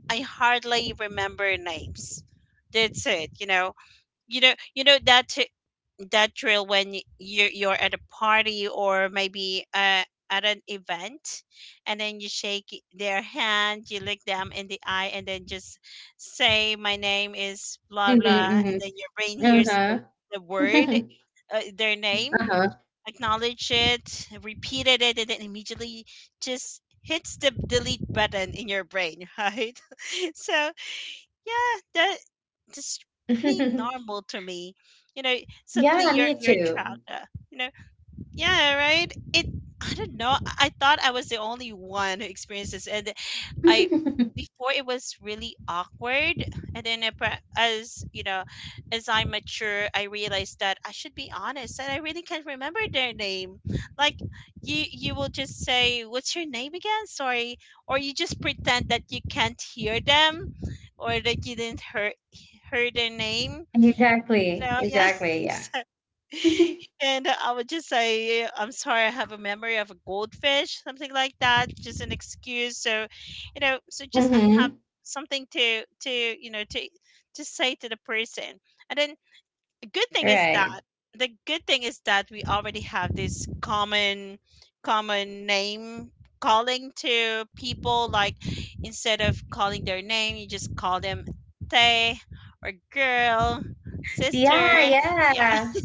Speaker 2: I hardly remember names. That's it. You know, you know you know that that drill when y- you you're at a party or maybe at an event, and then you shake their hand, you look them in the eye, and then just say, "My name is blah
Speaker 1: Mhm,
Speaker 2: blah," and
Speaker 1: mhm.
Speaker 2: then your brain hears the
Speaker 1: Uh-huh.
Speaker 2: word, their name,
Speaker 1: Uh-huh.
Speaker 2: acknowledge it, repeated it, and then immediately just hits the delete button in your brain, right? So yeah, that just pretty normal to me. You know, suddenly
Speaker 1: Yeah, me
Speaker 2: you're trapped,
Speaker 1: too.
Speaker 2: uh. You know, yeah, right. It, I don't know. I thought I was the only one who experienced this, and I before it was really awkward, and then as you know, as I mature, I realized that I should be honest, and I really can't remember their name. Like you will just say, "What's your name again?" Sorry, or you just pretend that you can't hear them, or that you didn't hear their name. You
Speaker 1: Exactly,
Speaker 2: know, yeah.
Speaker 1: exactly, yeah.
Speaker 2: And I would just say, I'm sorry, I have a memory of a goldfish, something like that, just an excuse. So, you know, so just I have
Speaker 1: Mhm.
Speaker 2: something to you know, to say to the person. And then the good thing is that
Speaker 1: Right.
Speaker 2: the good thing is that we already have this common name calling to people, like instead of calling their name, you just call them tay, or girl,
Speaker 1: Yeah,
Speaker 2: sister, yeah,
Speaker 1: yeah.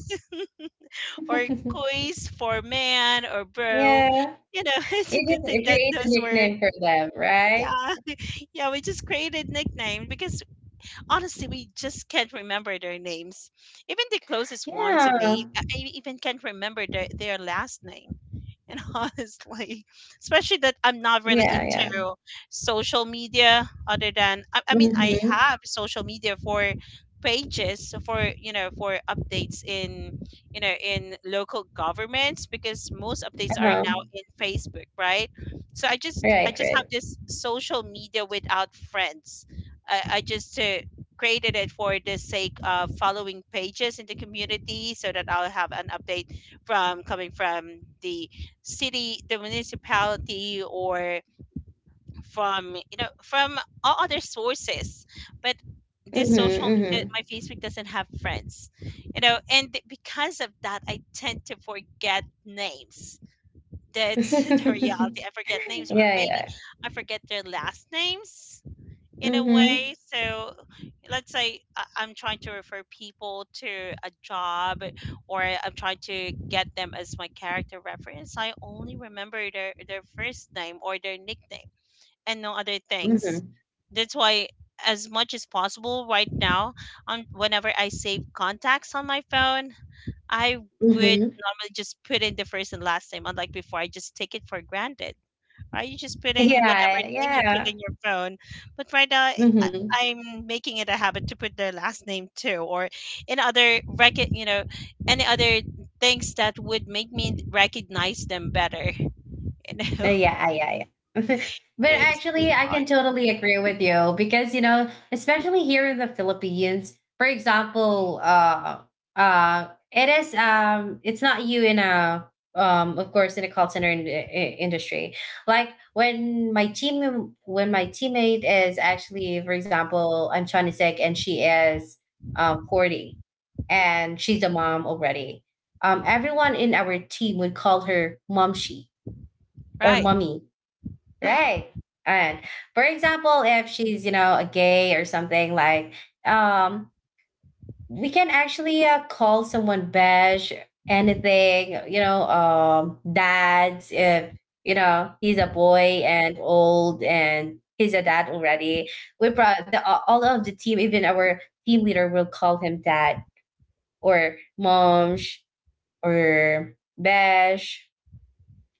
Speaker 2: or coys for man, or bro.
Speaker 1: Yeah.
Speaker 2: You know, it's
Speaker 1: You
Speaker 2: a good thing
Speaker 1: just
Speaker 2: that
Speaker 1: create a
Speaker 2: those were
Speaker 1: nickname for them, right?
Speaker 2: yeah. Yeah, we just created nickname because honestly, we just can't remember their names. Even the closest ones to me,
Speaker 1: Yeah.
Speaker 2: I even can't remember their last name. And honestly, especially that I'm not really
Speaker 1: Yeah, yeah.
Speaker 2: into social media, other than, I mean, I
Speaker 1: Mhm.
Speaker 2: have social media for pages, for you know, for updates in, you know, in local governments, because most updates are
Speaker 1: Uh-huh.
Speaker 2: now in facebook, right? So I
Speaker 1: Right,
Speaker 2: just have
Speaker 1: right.
Speaker 2: this social media without friends. I just created it for the sake of following pages in the community, so that I'll have an update from, coming from the city, the municipality, or from, you know, from all other sources. But
Speaker 1: Mhm,
Speaker 2: this social media,
Speaker 1: mhm.
Speaker 2: my Facebook doesn't have friends, you know, and because of that, I tend to forget names. That's the reality. I forget names, or
Speaker 1: Yeah,
Speaker 2: maybe
Speaker 1: yeah.
Speaker 2: I forget their last names in a
Speaker 1: Mhm.
Speaker 2: way. So let's say I'm trying to refer people to a job, or I'm trying to get them as my character reference. I only remember their first name or their nickname, and no other things.
Speaker 1: Mhm.
Speaker 2: That's why, as much as possible right now, on whenever I save contacts on my phone, I would
Speaker 1: Mhm.
Speaker 2: normally just put in the first and last name, unlike before, I just take it for granted, right? You just put in whatever
Speaker 1: Yeah,
Speaker 2: name you put
Speaker 1: yeah.
Speaker 2: in your phone. But right now, I-
Speaker 1: Mhm.
Speaker 2: am making it a habit to put their last name too, or in other record, you know, any other things that would make me recognize them better. You know,
Speaker 1: Yeah, yeah, yeah. But
Speaker 2: it's
Speaker 1: actually,
Speaker 2: really
Speaker 1: I
Speaker 2: fun.
Speaker 1: can totally agree with you because, you know, especially here in the Philippines, for example, it is, it's not you in a, of course, in a call center in, industry. Like when my team, when my teammate is actually, for example, I'm 26, and she is 40, and she's a mom already. Everyone in our team would call her mom, she or
Speaker 2: Right.
Speaker 1: mommy. Right. And, for example, if she's, you know, a gay or something, like, um, we can actually call someone beige, anything, you know, dads, if, you know, he's a boy and old and he's a dad already. We brought the, all of the team, even our team leader, will call him dad or momsh or beige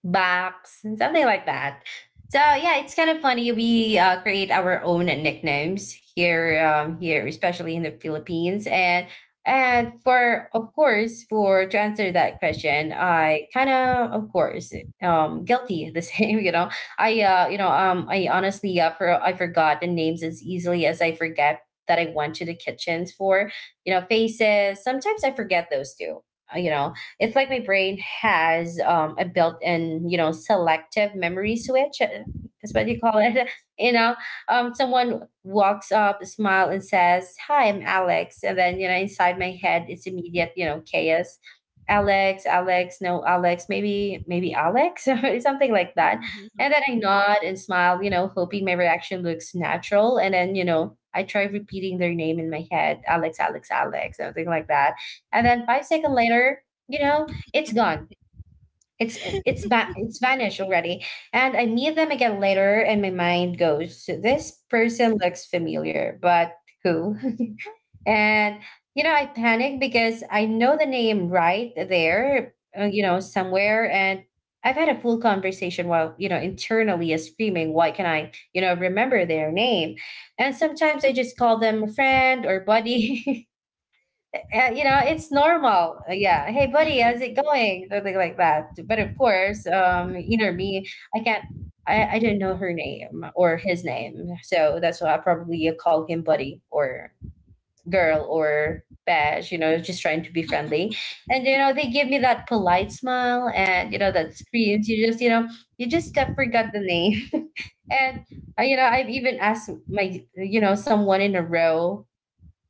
Speaker 1: box, and something like that. So yeah, it's kind of funny. We create our own nicknames here, here, especially in the Philippines. And for of course, for to answer that question, I kind of course, guilty the same. You know, I honestly, I forgot the names as easily as I forget that I went to the kitchens for. You know, faces. Sometimes I forget those too. You know, it's like my brain has, a built-in, you know, selective memory switch, that's what you call it. You know, someone walks up, smile, and says, "Hi, I'm Alex," and then, you know, inside my head, it's immediate, you know, chaos. Alex, Alex, no, Alex, maybe Alex, or something like that.
Speaker 2: Mm-hmm.
Speaker 1: And then I nod and smile, you know, hoping my reaction looks natural, and then, you know, I try repeating their name in my head, Alex, Alex, Alex, something like that. And then 5 seconds later, you know, it's gone. it's it's vanished already. And I meet them again later and my mind goes, "So this person looks familiar, but who?" And you know, I panic because I know the name right there, you know, somewhere. And I've had a full conversation while, you know, internally is screaming, why can I, you know, remember their name. And sometimes I just call them a friend or buddy. You know, it's normal. Yeah. Hey,
Speaker 2: Mm-hmm.
Speaker 1: buddy,
Speaker 2: Mm-hmm.
Speaker 1: how's it going? Something like that. But of course, you know me, I can't. I don't know her name or his name, so that's why I probably call him buddy, or girl, or bash. You know, just trying to be friendly, and you know, they give me that polite smile, and you know, that screams, you just, you know, you just got, forgot the name, and you know, I've even asked my, you know, someone in a row,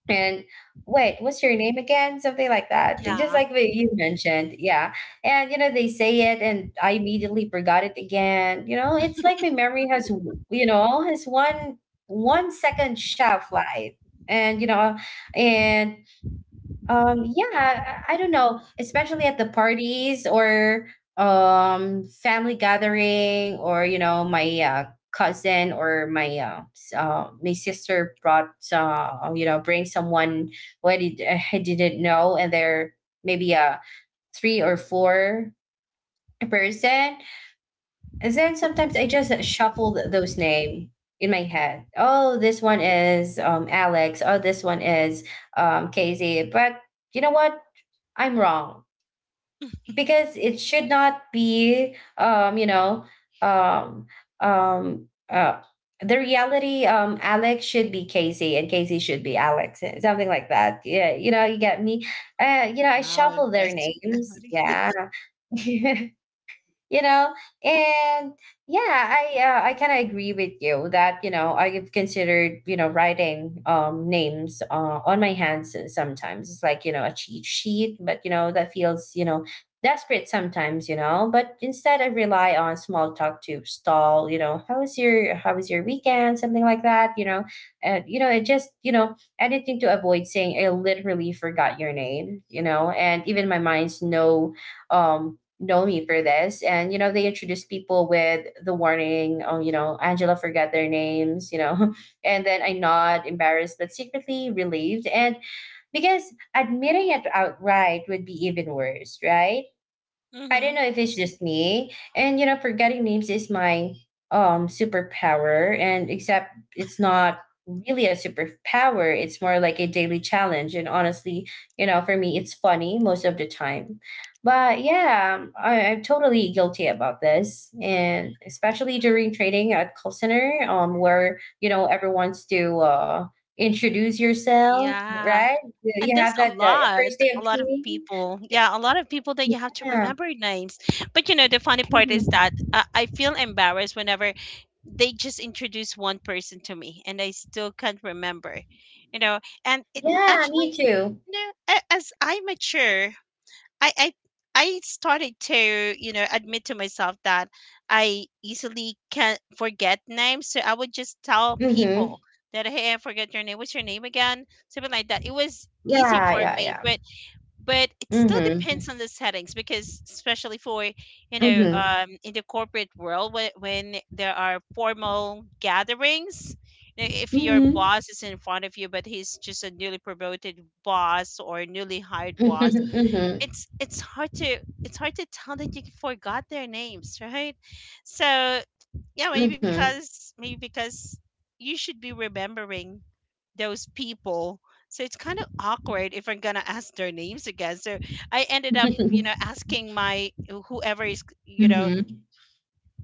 Speaker 1: and, "Wait, what's your name again?" Something like that, just
Speaker 2: Yeah.
Speaker 1: like what you mentioned, yeah. And, you know, they say it, and I immediately forgot it again, you know? It's like my memory has w you know, has one-second shelf life, and, you know, and yeah, I don't know, especially at the parties, or family gathering, or you know, my cousin, or my my sister brought, you know, bring someone, what I didn't know, and they're maybe, three or four person. And then sometimes I just shuffle those name in my head. Oh, this one is Alex. Oh, this one is Casey. But you know what? I'm wrong, because it should not be, you know, um, um, uh, the reality. Alex should be Casey, and Casey should be Alex, eh, something like that. Yeah, you know, you get me. You know, I
Speaker 2: Wow,
Speaker 1: shuffle their
Speaker 2: impressive.
Speaker 1: names. Yeah, you know, and yeah, I kind of agree with you that, you know, I've considered, you know, writing names on my hands. Sometimes it's like, you know, a cheat sheet, but you know, that feels, you know, desperate sometimes, you know. But instead, I rely on small talk to stall. You know, how was your weekend, something like that, you know. And you know, it just, you know, anything to avoid saying, I literally forgot your name, you know. And even my mind's no um know me for this. And, you know, they introduce people with the warning, "Oh, you know, Angela forgot their names," you know. And then I nod, embarrassed, but secretly relieved. And because admitting it outright would be even worse, right?
Speaker 2: Memories.
Speaker 1: I don't know
Speaker 2: Hmm.
Speaker 1: if it's just me. And you know, forgetting names is my superpower, and except it's not really a superpower. It's more like a daily challenge, and honestly, you know, for me, it's funny most of the time. But yeah, I'm totally guilty about this. And especially during training at call center, where, you know, everyone's to introduce yourself,
Speaker 2: Yeah.
Speaker 1: right? You
Speaker 2: And
Speaker 1: you
Speaker 2: there's
Speaker 1: have that first day
Speaker 2: a
Speaker 1: of
Speaker 2: lot of
Speaker 1: training.
Speaker 2: people yeah a lot of people that you have to
Speaker 1: Yeah.
Speaker 2: remember names. But you know, the funny part is
Speaker 1: Mhm.
Speaker 2: that I feel embarrassed whenever they just introduce one person to me and I still can't remember you know and it
Speaker 1: Yeah, me
Speaker 2: actually,
Speaker 1: too.
Speaker 2: you know, as I mature, I I started to, you know, admit to myself that I easily can forget names. So I would just tell
Speaker 1: Mhm.
Speaker 2: people that hey, I forget your name. What's your name again? Something like that. It was easy
Speaker 1: Yeah,
Speaker 2: for
Speaker 1: yeah,
Speaker 2: me,
Speaker 1: yeah.
Speaker 2: but it still depends
Speaker 1: Mhm.
Speaker 2: on the settings because especially for
Speaker 1: Mhm.
Speaker 2: in the corporate world, when there are formal gatherings. You know, if your
Speaker 1: Mhm.
Speaker 2: boss is in front of you but he's just a newly promoted boss or newly hired boss,
Speaker 1: Mhm.
Speaker 2: it's hard to tell that you forgot their names, right? So yeah, maybe
Speaker 1: Mhm.
Speaker 2: because maybe because you should be remembering those people, so it's kind of awkward if I'm gonna ask their names again. So I ended up, you
Speaker 1: Mhm.
Speaker 2: know, asking my, whoever is, you know,
Speaker 1: Mhm.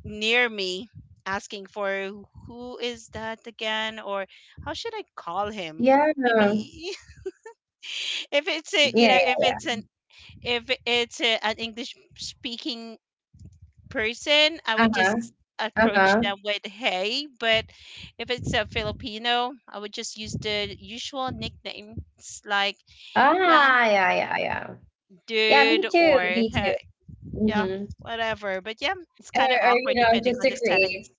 Speaker 2: near me, asking for who is that again, or how should I call him,
Speaker 1: Yeah.
Speaker 2: maybe. If it's a, you know,
Speaker 1: Yeah.
Speaker 2: if it's a, an English speaking person, I would
Speaker 1: Uh-huh.
Speaker 2: just approach
Speaker 1: Uh-huh.
Speaker 2: them with hey. But if it's a Filipino, I would just use the usual nicknames like,
Speaker 1: Ah,
Speaker 2: yeah,
Speaker 1: yeah, yeah, yeah. Yeah, me
Speaker 2: dude,
Speaker 1: too.
Speaker 2: or
Speaker 1: Me too.
Speaker 2: hey, yeah,
Speaker 1: Mhm.
Speaker 2: whatever. But yeah, it's
Speaker 1: Or,
Speaker 2: kind of
Speaker 1: or you
Speaker 2: awkward
Speaker 1: know,
Speaker 2: depending
Speaker 1: just
Speaker 2: on the
Speaker 1: to
Speaker 2: settings.
Speaker 1: create,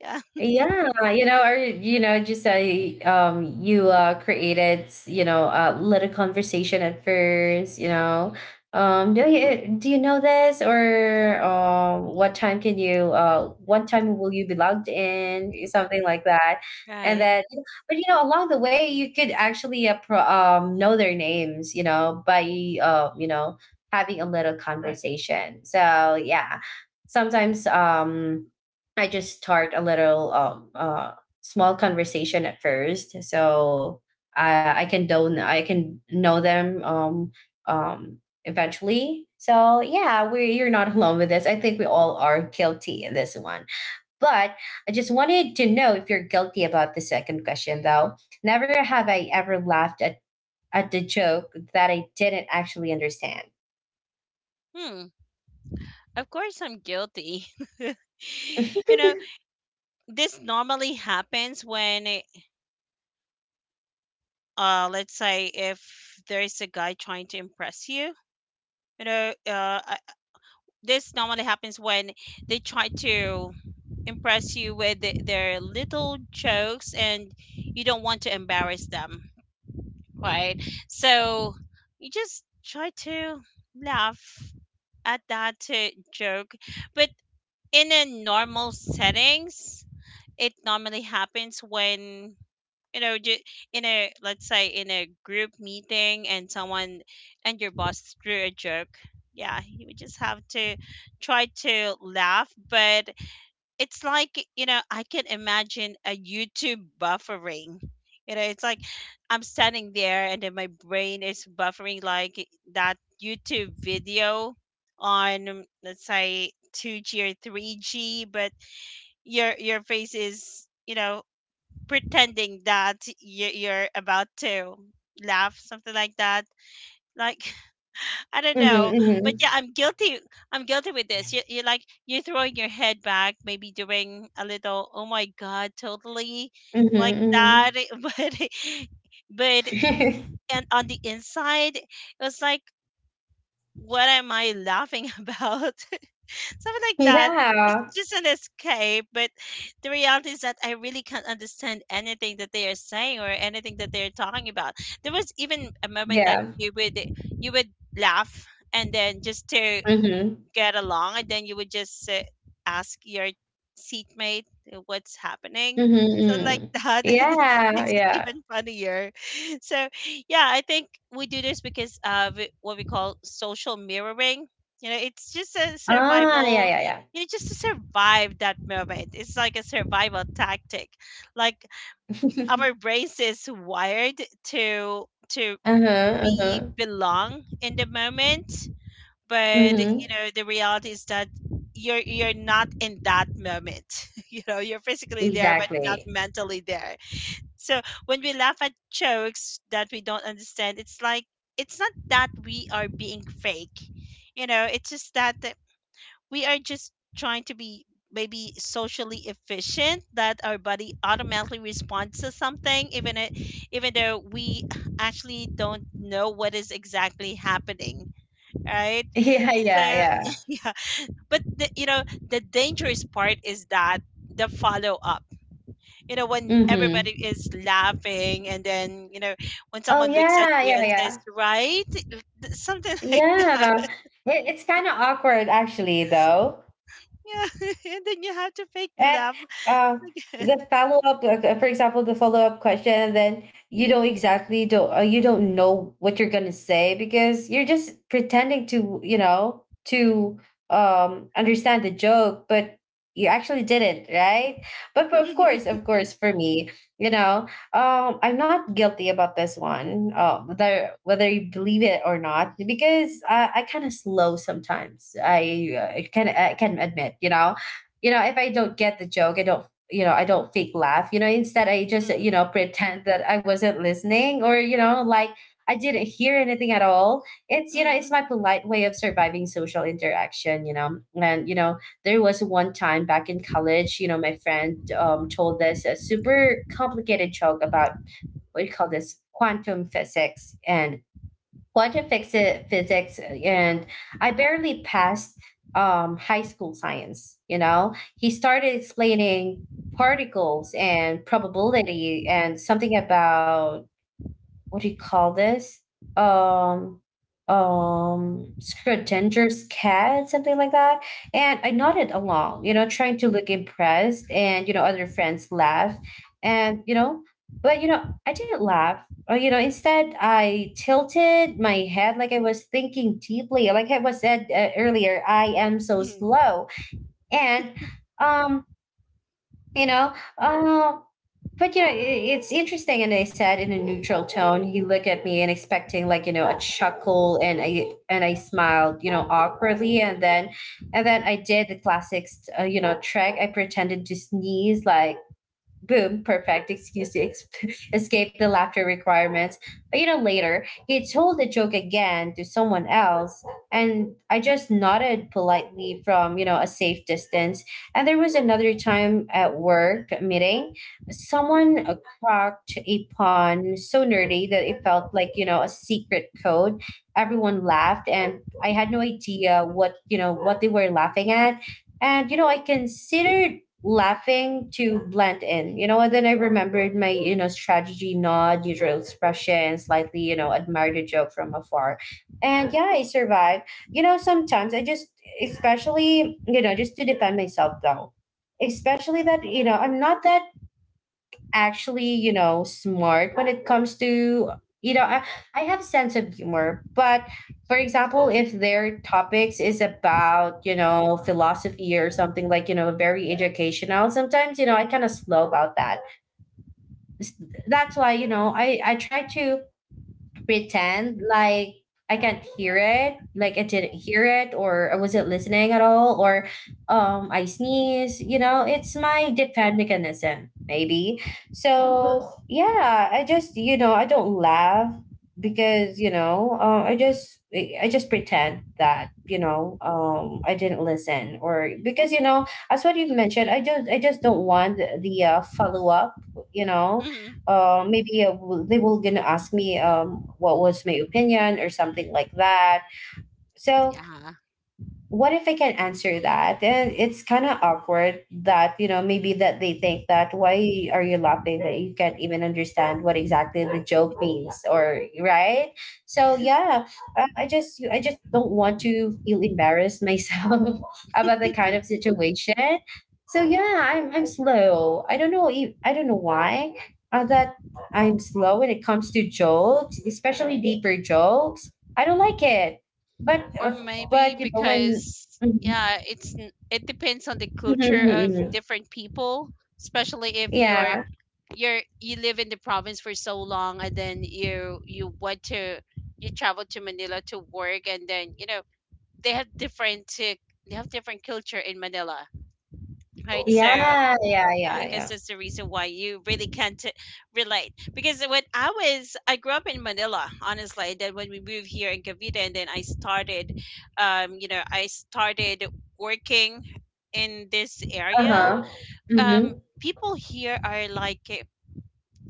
Speaker 2: Yeah,
Speaker 1: yeah, you know, or you know, just say, you created, you know, a little conversation at first, you know, do you know this, or what time will you be logged in, something like that, and
Speaker 2: right.
Speaker 1: then, but you know, along the way, you could actually know their names, you know, by you know, having a little conversation. So yeah, sometimes I just start a little small conversation at first, so I can know them eventually. So yeah, we you're not alone with this. I think we all are guilty in this one. But I just wanted to know if you're guilty about the second question though. Never have I ever laughed at the joke that I didn't actually understand.
Speaker 2: Hmm. Of course, I'm guilty.
Speaker 1: hmm
Speaker 2: You know, this normally happens when, let's say, if there is a guy trying to impress you, you know uh, I- this normally happens when they try to impress you with the, their little jokes and you don't want to embarrass them, right? So you just try to laugh at that joke. But in a normal settings, it normally happens when, you know, in a, let's say in a group meeting, and someone and your boss threw a joke. Yeah, you would just have to try to laugh, but it's like, you know, I can imagine a YouTube buffering. You know, it's like I'm standing there and then my brain is buffering like that YouTube video on, let's say, 2g or 3g, but your face is, you know, pretending that you're about to laugh, something like that. Like, I don't know, but
Speaker 1: hmm
Speaker 2: yeah, I'm guilty. I'm guilty with this. You like you're throwing your head back, maybe doing a little. Oh my god, totally
Speaker 1: hmm
Speaker 2: like that.
Speaker 1: hmm
Speaker 2: But and on the inside, it was like, what am I laughing about? Something like that. It's
Speaker 1: yeah.
Speaker 2: just an escape, but the reality is that I really can't understand anything that they are saying or anything that they're talking about. There was even a moment that
Speaker 1: Yeah.
Speaker 2: you would laugh, and then just to
Speaker 1: Mhm.
Speaker 2: get along, and then you would just ask your seatmate, what's happening.
Speaker 1: Mhm,
Speaker 2: So like
Speaker 1: mm.
Speaker 2: that. And that
Speaker 1: Yeah,
Speaker 2: makes it
Speaker 1: yeah.
Speaker 2: even funnier. So yeah, I think we do this because of what we call social mirroring. You know, it's just a
Speaker 1: Ah, yeah,
Speaker 2: survival.
Speaker 1: yeah, yeah.
Speaker 2: You know, just to survive that moment, it's like a survival tactic. Like, our brains is wired to
Speaker 1: Uh-huh,
Speaker 2: be
Speaker 1: uh-huh.
Speaker 2: belong in the moment. But you
Speaker 1: Mhm.
Speaker 2: know, the reality is that you're not in that moment. You know, you're physically there but not
Speaker 1: Exactly.
Speaker 2: mentally there. So when we laugh at jokes that we don't understand, it's like it's not that we are being fake. You know, it's just that we are just trying to be maybe socially efficient, that our body automatically responds to something even even though we actually don't know what is exactly happening, right?
Speaker 1: Yeah,
Speaker 2: So
Speaker 1: yeah, yeah.
Speaker 2: yeah, but the, you know, the dangerous part is that the follow up. You know, when everybody
Speaker 1: Mhm.
Speaker 2: is laughing, and then you know, when
Speaker 1: Oh,
Speaker 2: someone looks at
Speaker 1: yeah,
Speaker 2: you
Speaker 1: yeah,
Speaker 2: and says,
Speaker 1: yeah.
Speaker 2: "Right," something like
Speaker 1: Yeah.
Speaker 2: that.
Speaker 1: It's kind of awkward, actually, though.
Speaker 2: Yeah, and then you have to fake the
Speaker 1: And
Speaker 2: laugh
Speaker 1: uh, the
Speaker 2: again.
Speaker 1: follow up, for example, the follow up question, and then you don't exactly don't you don't know what you're gonna say because you're just pretending to you know to understand the joke, but you actually didn't, right? But of course, of course, for me, you know, I'm not guilty about this one, whether you believe it or not, because I kind of slow sometimes. I can admit, you know, if I don't get the joke, I don't, I don't fake laugh. You know, instead I
Speaker 2: Mhm.
Speaker 1: just,
Speaker 2: Mm,
Speaker 1: pretend that I wasn't listening, or you know, like I didn't hear anything at all. It's you know it's
Speaker 2: mm,
Speaker 1: my polite way of surviving social interaction. You know, there was one time back in college. You know, my friend, told this a super complicated joke about, what do you call this, quantum physics, and physics, and I barely passed high school science. You know, he started explaining particles and probability and something about, what do you call this? Um, Scrotinger's cat, something like that. And I nodded along, you know, trying to look impressed. And, you know, other friends laughed. And, you know, but, you know, I didn't laugh. Or, you know, instead, I tilted my head like I was thinking deeply. Like I was said earlier, I am so
Speaker 2: mm,
Speaker 1: slow. And, um, you know but you know I- it's interesting, and they said in a neutral tone, he looked at me and expecting, like, you know, a chuckle. And I smiled, you know, awkwardly, and then I did the classic, you know, trick. I pretended to sneeze like, boom, perfect excuse to escape the laughter requirements. But you know, later, he told the joke again to someone else, and I just nodded politely from, you know, a safe distance. And there was another time at work meeting, someone cracked a pun so nerdy that it felt like, you know, a secret code. Everyone laughed, and I had no idea what, you know, what they were laughing at. And, you know, I considered laughing to blend in. You know, and then I remembered my, you know, strategy nod, usual expression, slightly, you know, admired a joke from afar. And yeah, I survived. You know, sometimes especially, you know, just to defend myself though, especially that, you know, I'm not that actually, you know, smart when it comes to, you know, I, I have sense of humor, but for example, if their topics is about, you know, philosophy or something like, you know, very educational, sometimes, you know, I kind of slow about that. S- That's why, you know, I try to pretend like I can't hear it, like I didn't hear it, or I wasn't listening at all, or I sneeze. You know, it's my defend mechanism, maybe. So yeah, I don't laugh because you know I just pretend that, you know, I didn't listen. Or because, you know, as what you've mentioned, I just don't want the follow up. you know
Speaker 2: mm.
Speaker 1: they will gonna ask me, what was my opinion or something like that. So
Speaker 2: Yeah,
Speaker 1: what if I can answer that? And it's kind of awkward that, you know, maybe that they think that why are you laughing, that you can't even understand what exactly the joke means, or right? So yeah, I just don't want to feel embarrassed myself about the kind of situation. So yeah, I'm slow. I don't know why that I'm slow when it comes to jokes, especially deeper jokes. I don't like it, but
Speaker 2: or maybe
Speaker 1: but, you know, when
Speaker 2: because
Speaker 1: mhm,
Speaker 2: yeah, it's it depends on the
Speaker 1: mhm,
Speaker 2: culture
Speaker 1: mhm,
Speaker 2: of
Speaker 1: mhm.
Speaker 2: different people, especially if you're
Speaker 1: Yeah.
Speaker 2: you're you live in the province for so long, and then you went to, you travel to Manila to work, and then you know, they have different uh, they have different culture in Manila, right? So
Speaker 1: Yeah,
Speaker 2: yeah,
Speaker 1: yeah, yeah,
Speaker 2: I guess
Speaker 1: yeah.
Speaker 2: that's the reason why you really can't, relate. Because when I grew up in Manila honestly, and then when we moved here in Cavite, and then I started, you know, I started working in this area,
Speaker 1: Uh-huh.
Speaker 2: um,
Speaker 1: Mhm.
Speaker 2: people here are like,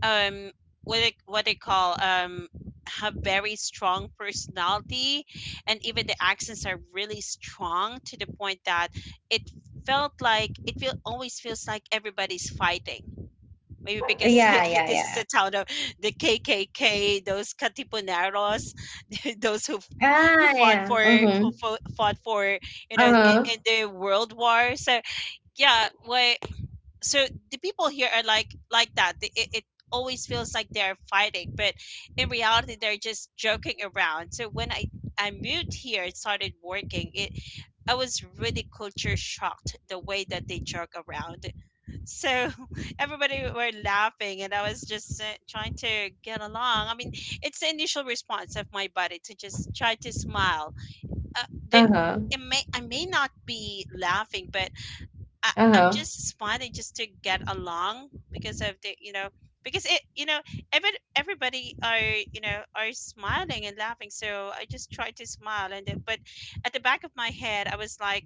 Speaker 2: um, what they call, um, have very strong personality. And even the accents are really strong to the point that it it feel always feels like everybody's fighting, maybe because
Speaker 1: Yeah, yeah,
Speaker 2: this is a
Speaker 1: yeah.
Speaker 2: town of the KKK, those katipuneros, those who
Speaker 1: Ah,
Speaker 2: fought
Speaker 1: yeah.
Speaker 2: for
Speaker 1: Mhm.
Speaker 2: fought for, you know, in
Speaker 1: Uh-huh.
Speaker 2: the world war. So yeah, what, so the people here are like that. It, it always feels like they're fighting, but in reality they're just joking around. So when I moved here and started working, it I was really culture shocked the way that they joke around. So everybody were laughing and I was just trying to get along. I mean, it's the initial response of my body to just try to smile, uh, they,
Speaker 1: Uh-huh.
Speaker 2: it may, I may not be laughing, but I'm
Speaker 1: Uh-huh.
Speaker 2: just smiling just to get along because of the, you know, because it, you know, every everybody are, you know, are smiling and laughing. So I just try to smile, and but at the back of my head I was like,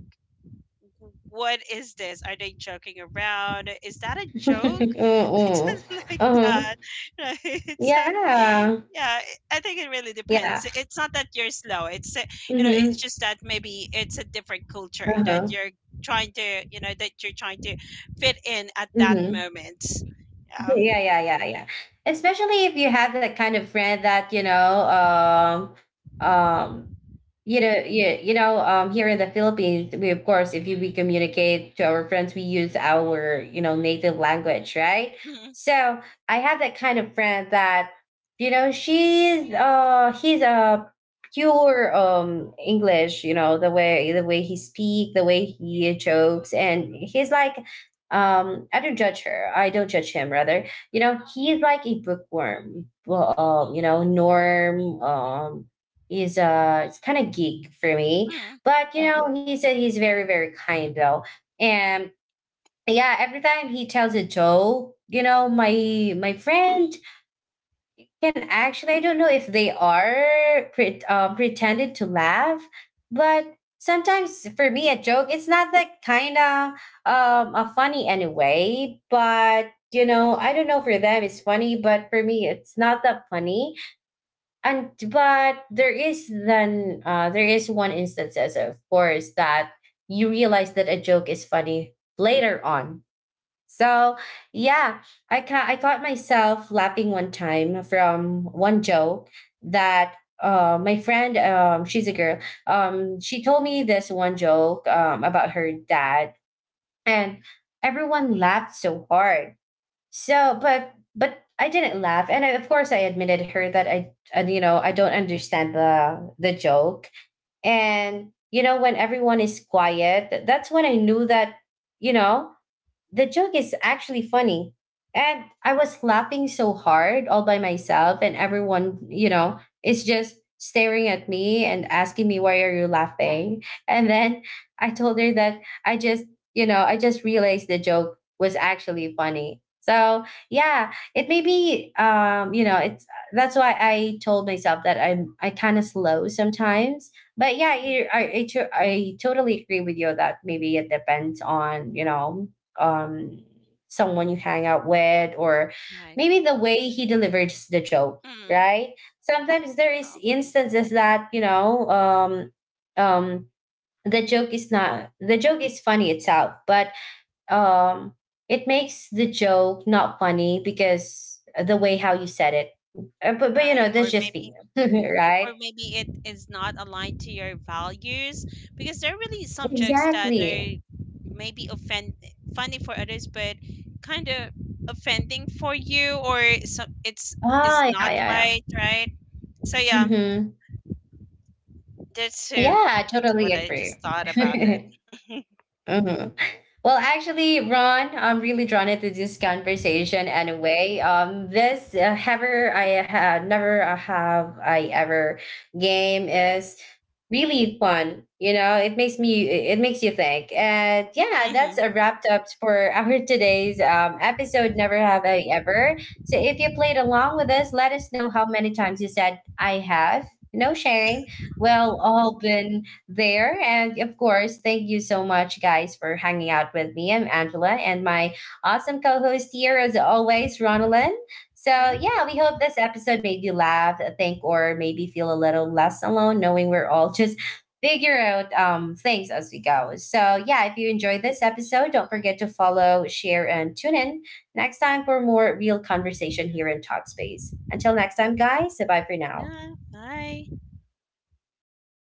Speaker 2: what is this? Are they joking around? Is that a joke? Like
Speaker 1: Mm,
Speaker 2: something like
Speaker 1: uh-huh.
Speaker 2: that, right? So,
Speaker 1: Yeah.
Speaker 2: yeah, I think it really
Speaker 1: Yeah.
Speaker 2: depends. It's not that you're slow. It's you know, it's
Speaker 1: Mhm.
Speaker 2: just that maybe it's a different culture that
Speaker 1: Uh-huh.
Speaker 2: you're trying to, you know, that you're trying to fit in at that
Speaker 1: Mhm.
Speaker 2: moment. Yeah.
Speaker 1: Yeah, yeah, yeah, yeah. Especially if you have that kind of friend that, um you know, here in the Philippines, we, of course, if you, we communicate to our friends, we use our, you know, native language, right?
Speaker 2: Mhm,
Speaker 1: So I have that kind of friend that, you know, she's he's a pure English. You know, the way he speak, the way he jokes, and he's like, I don't judge her, I don't judge him rather. You know, he's like a bookworm. Well you know norm Is, it's kind of geek for me,
Speaker 2: mhm,
Speaker 1: but you know, he said he's very, very kind though. And yeah, every time he tells a joke, you know, my friend can actually, I don't know if they are pretended to laugh. But sometimes for me, a joke, it's not that kind of a funny anyway. But you know, I don't know, for them it's funny, but for me it's not that funny. And but there is then There is one instances, of course, that you realize that a joke is funny later on. So yeah, I caught myself laughing one time from one joke that, my friend, she's a girl, she told me this one joke, about her dad. And everyone laughed so hard. So, but I didn't laugh, and of course I admitted her that I, and you know, I don't understand the joke. And you know, when everyone is quiet, that's when I knew that, you know, the joke is actually funny. And I was laughing so hard all by myself, and everyone, you know, is just staring at me and asking me, "Why are you laughing?" And then I told her that I just, you know, I just realized the joke was actually funny. So yeah, it may be, you know, it's, that's why I told myself that I kind of slow sometimes. But yeah,
Speaker 2: mhm.
Speaker 1: you I, to- I totally agree with you that maybe it depends on, you know, um someone you hang out with, or
Speaker 2: Right.
Speaker 1: maybe the way he delivers the joke,
Speaker 2: Mhm.
Speaker 1: right? Sometimes there is
Speaker 2: Probably.
Speaker 1: instances that, you know um the joke is not the joke is funny itself, but um it makes the joke not funny because the way how you said it. But you
Speaker 2: Right.
Speaker 1: know, that's
Speaker 2: Or
Speaker 1: just
Speaker 2: maybe.
Speaker 1: me.
Speaker 2: Or
Speaker 1: Right,
Speaker 2: maybe it is not aligned to your values, because there are really some jokes that
Speaker 1: exactly.
Speaker 2: are maybe offend, funny for others but kind of offending for you, or some it's is
Speaker 1: Ah, yeah,
Speaker 2: not
Speaker 1: yeah, yeah.
Speaker 2: right, right? So yeah,
Speaker 1: Mm-hmm.
Speaker 2: that's who,
Speaker 1: Yeah, I
Speaker 2: just
Speaker 1: totally
Speaker 2: what I just
Speaker 1: agree.
Speaker 2: thought about it.
Speaker 1: Hmm. Well, actually, Ron, I'm really drawn into this conversation anyway. This ever I have never have I ever game is really fun. You know, it makes you think. And yeah, that's
Speaker 2: Hmm.
Speaker 1: a wrapped up for our today's episode. Never have I ever. So if you played along with us, let us know how many times you said I have. No shame. Well, all been there. And of course, thank you so much, guys, for hanging out with me. I'm Angela, and my awesome co host here, as always, Ronalyn. So,
Speaker 2: Yeah,
Speaker 1: yeah, we hope this episode made you laugh, think, or maybe feel a little less alone, knowing we're all just figure out things as we go. So, yeah, if you enjoyed this episode, don't forget to follow, share, and tune in next time for more real conversation here in Talkspace. Until next time, guys, bye for now.
Speaker 2: yeah, bye.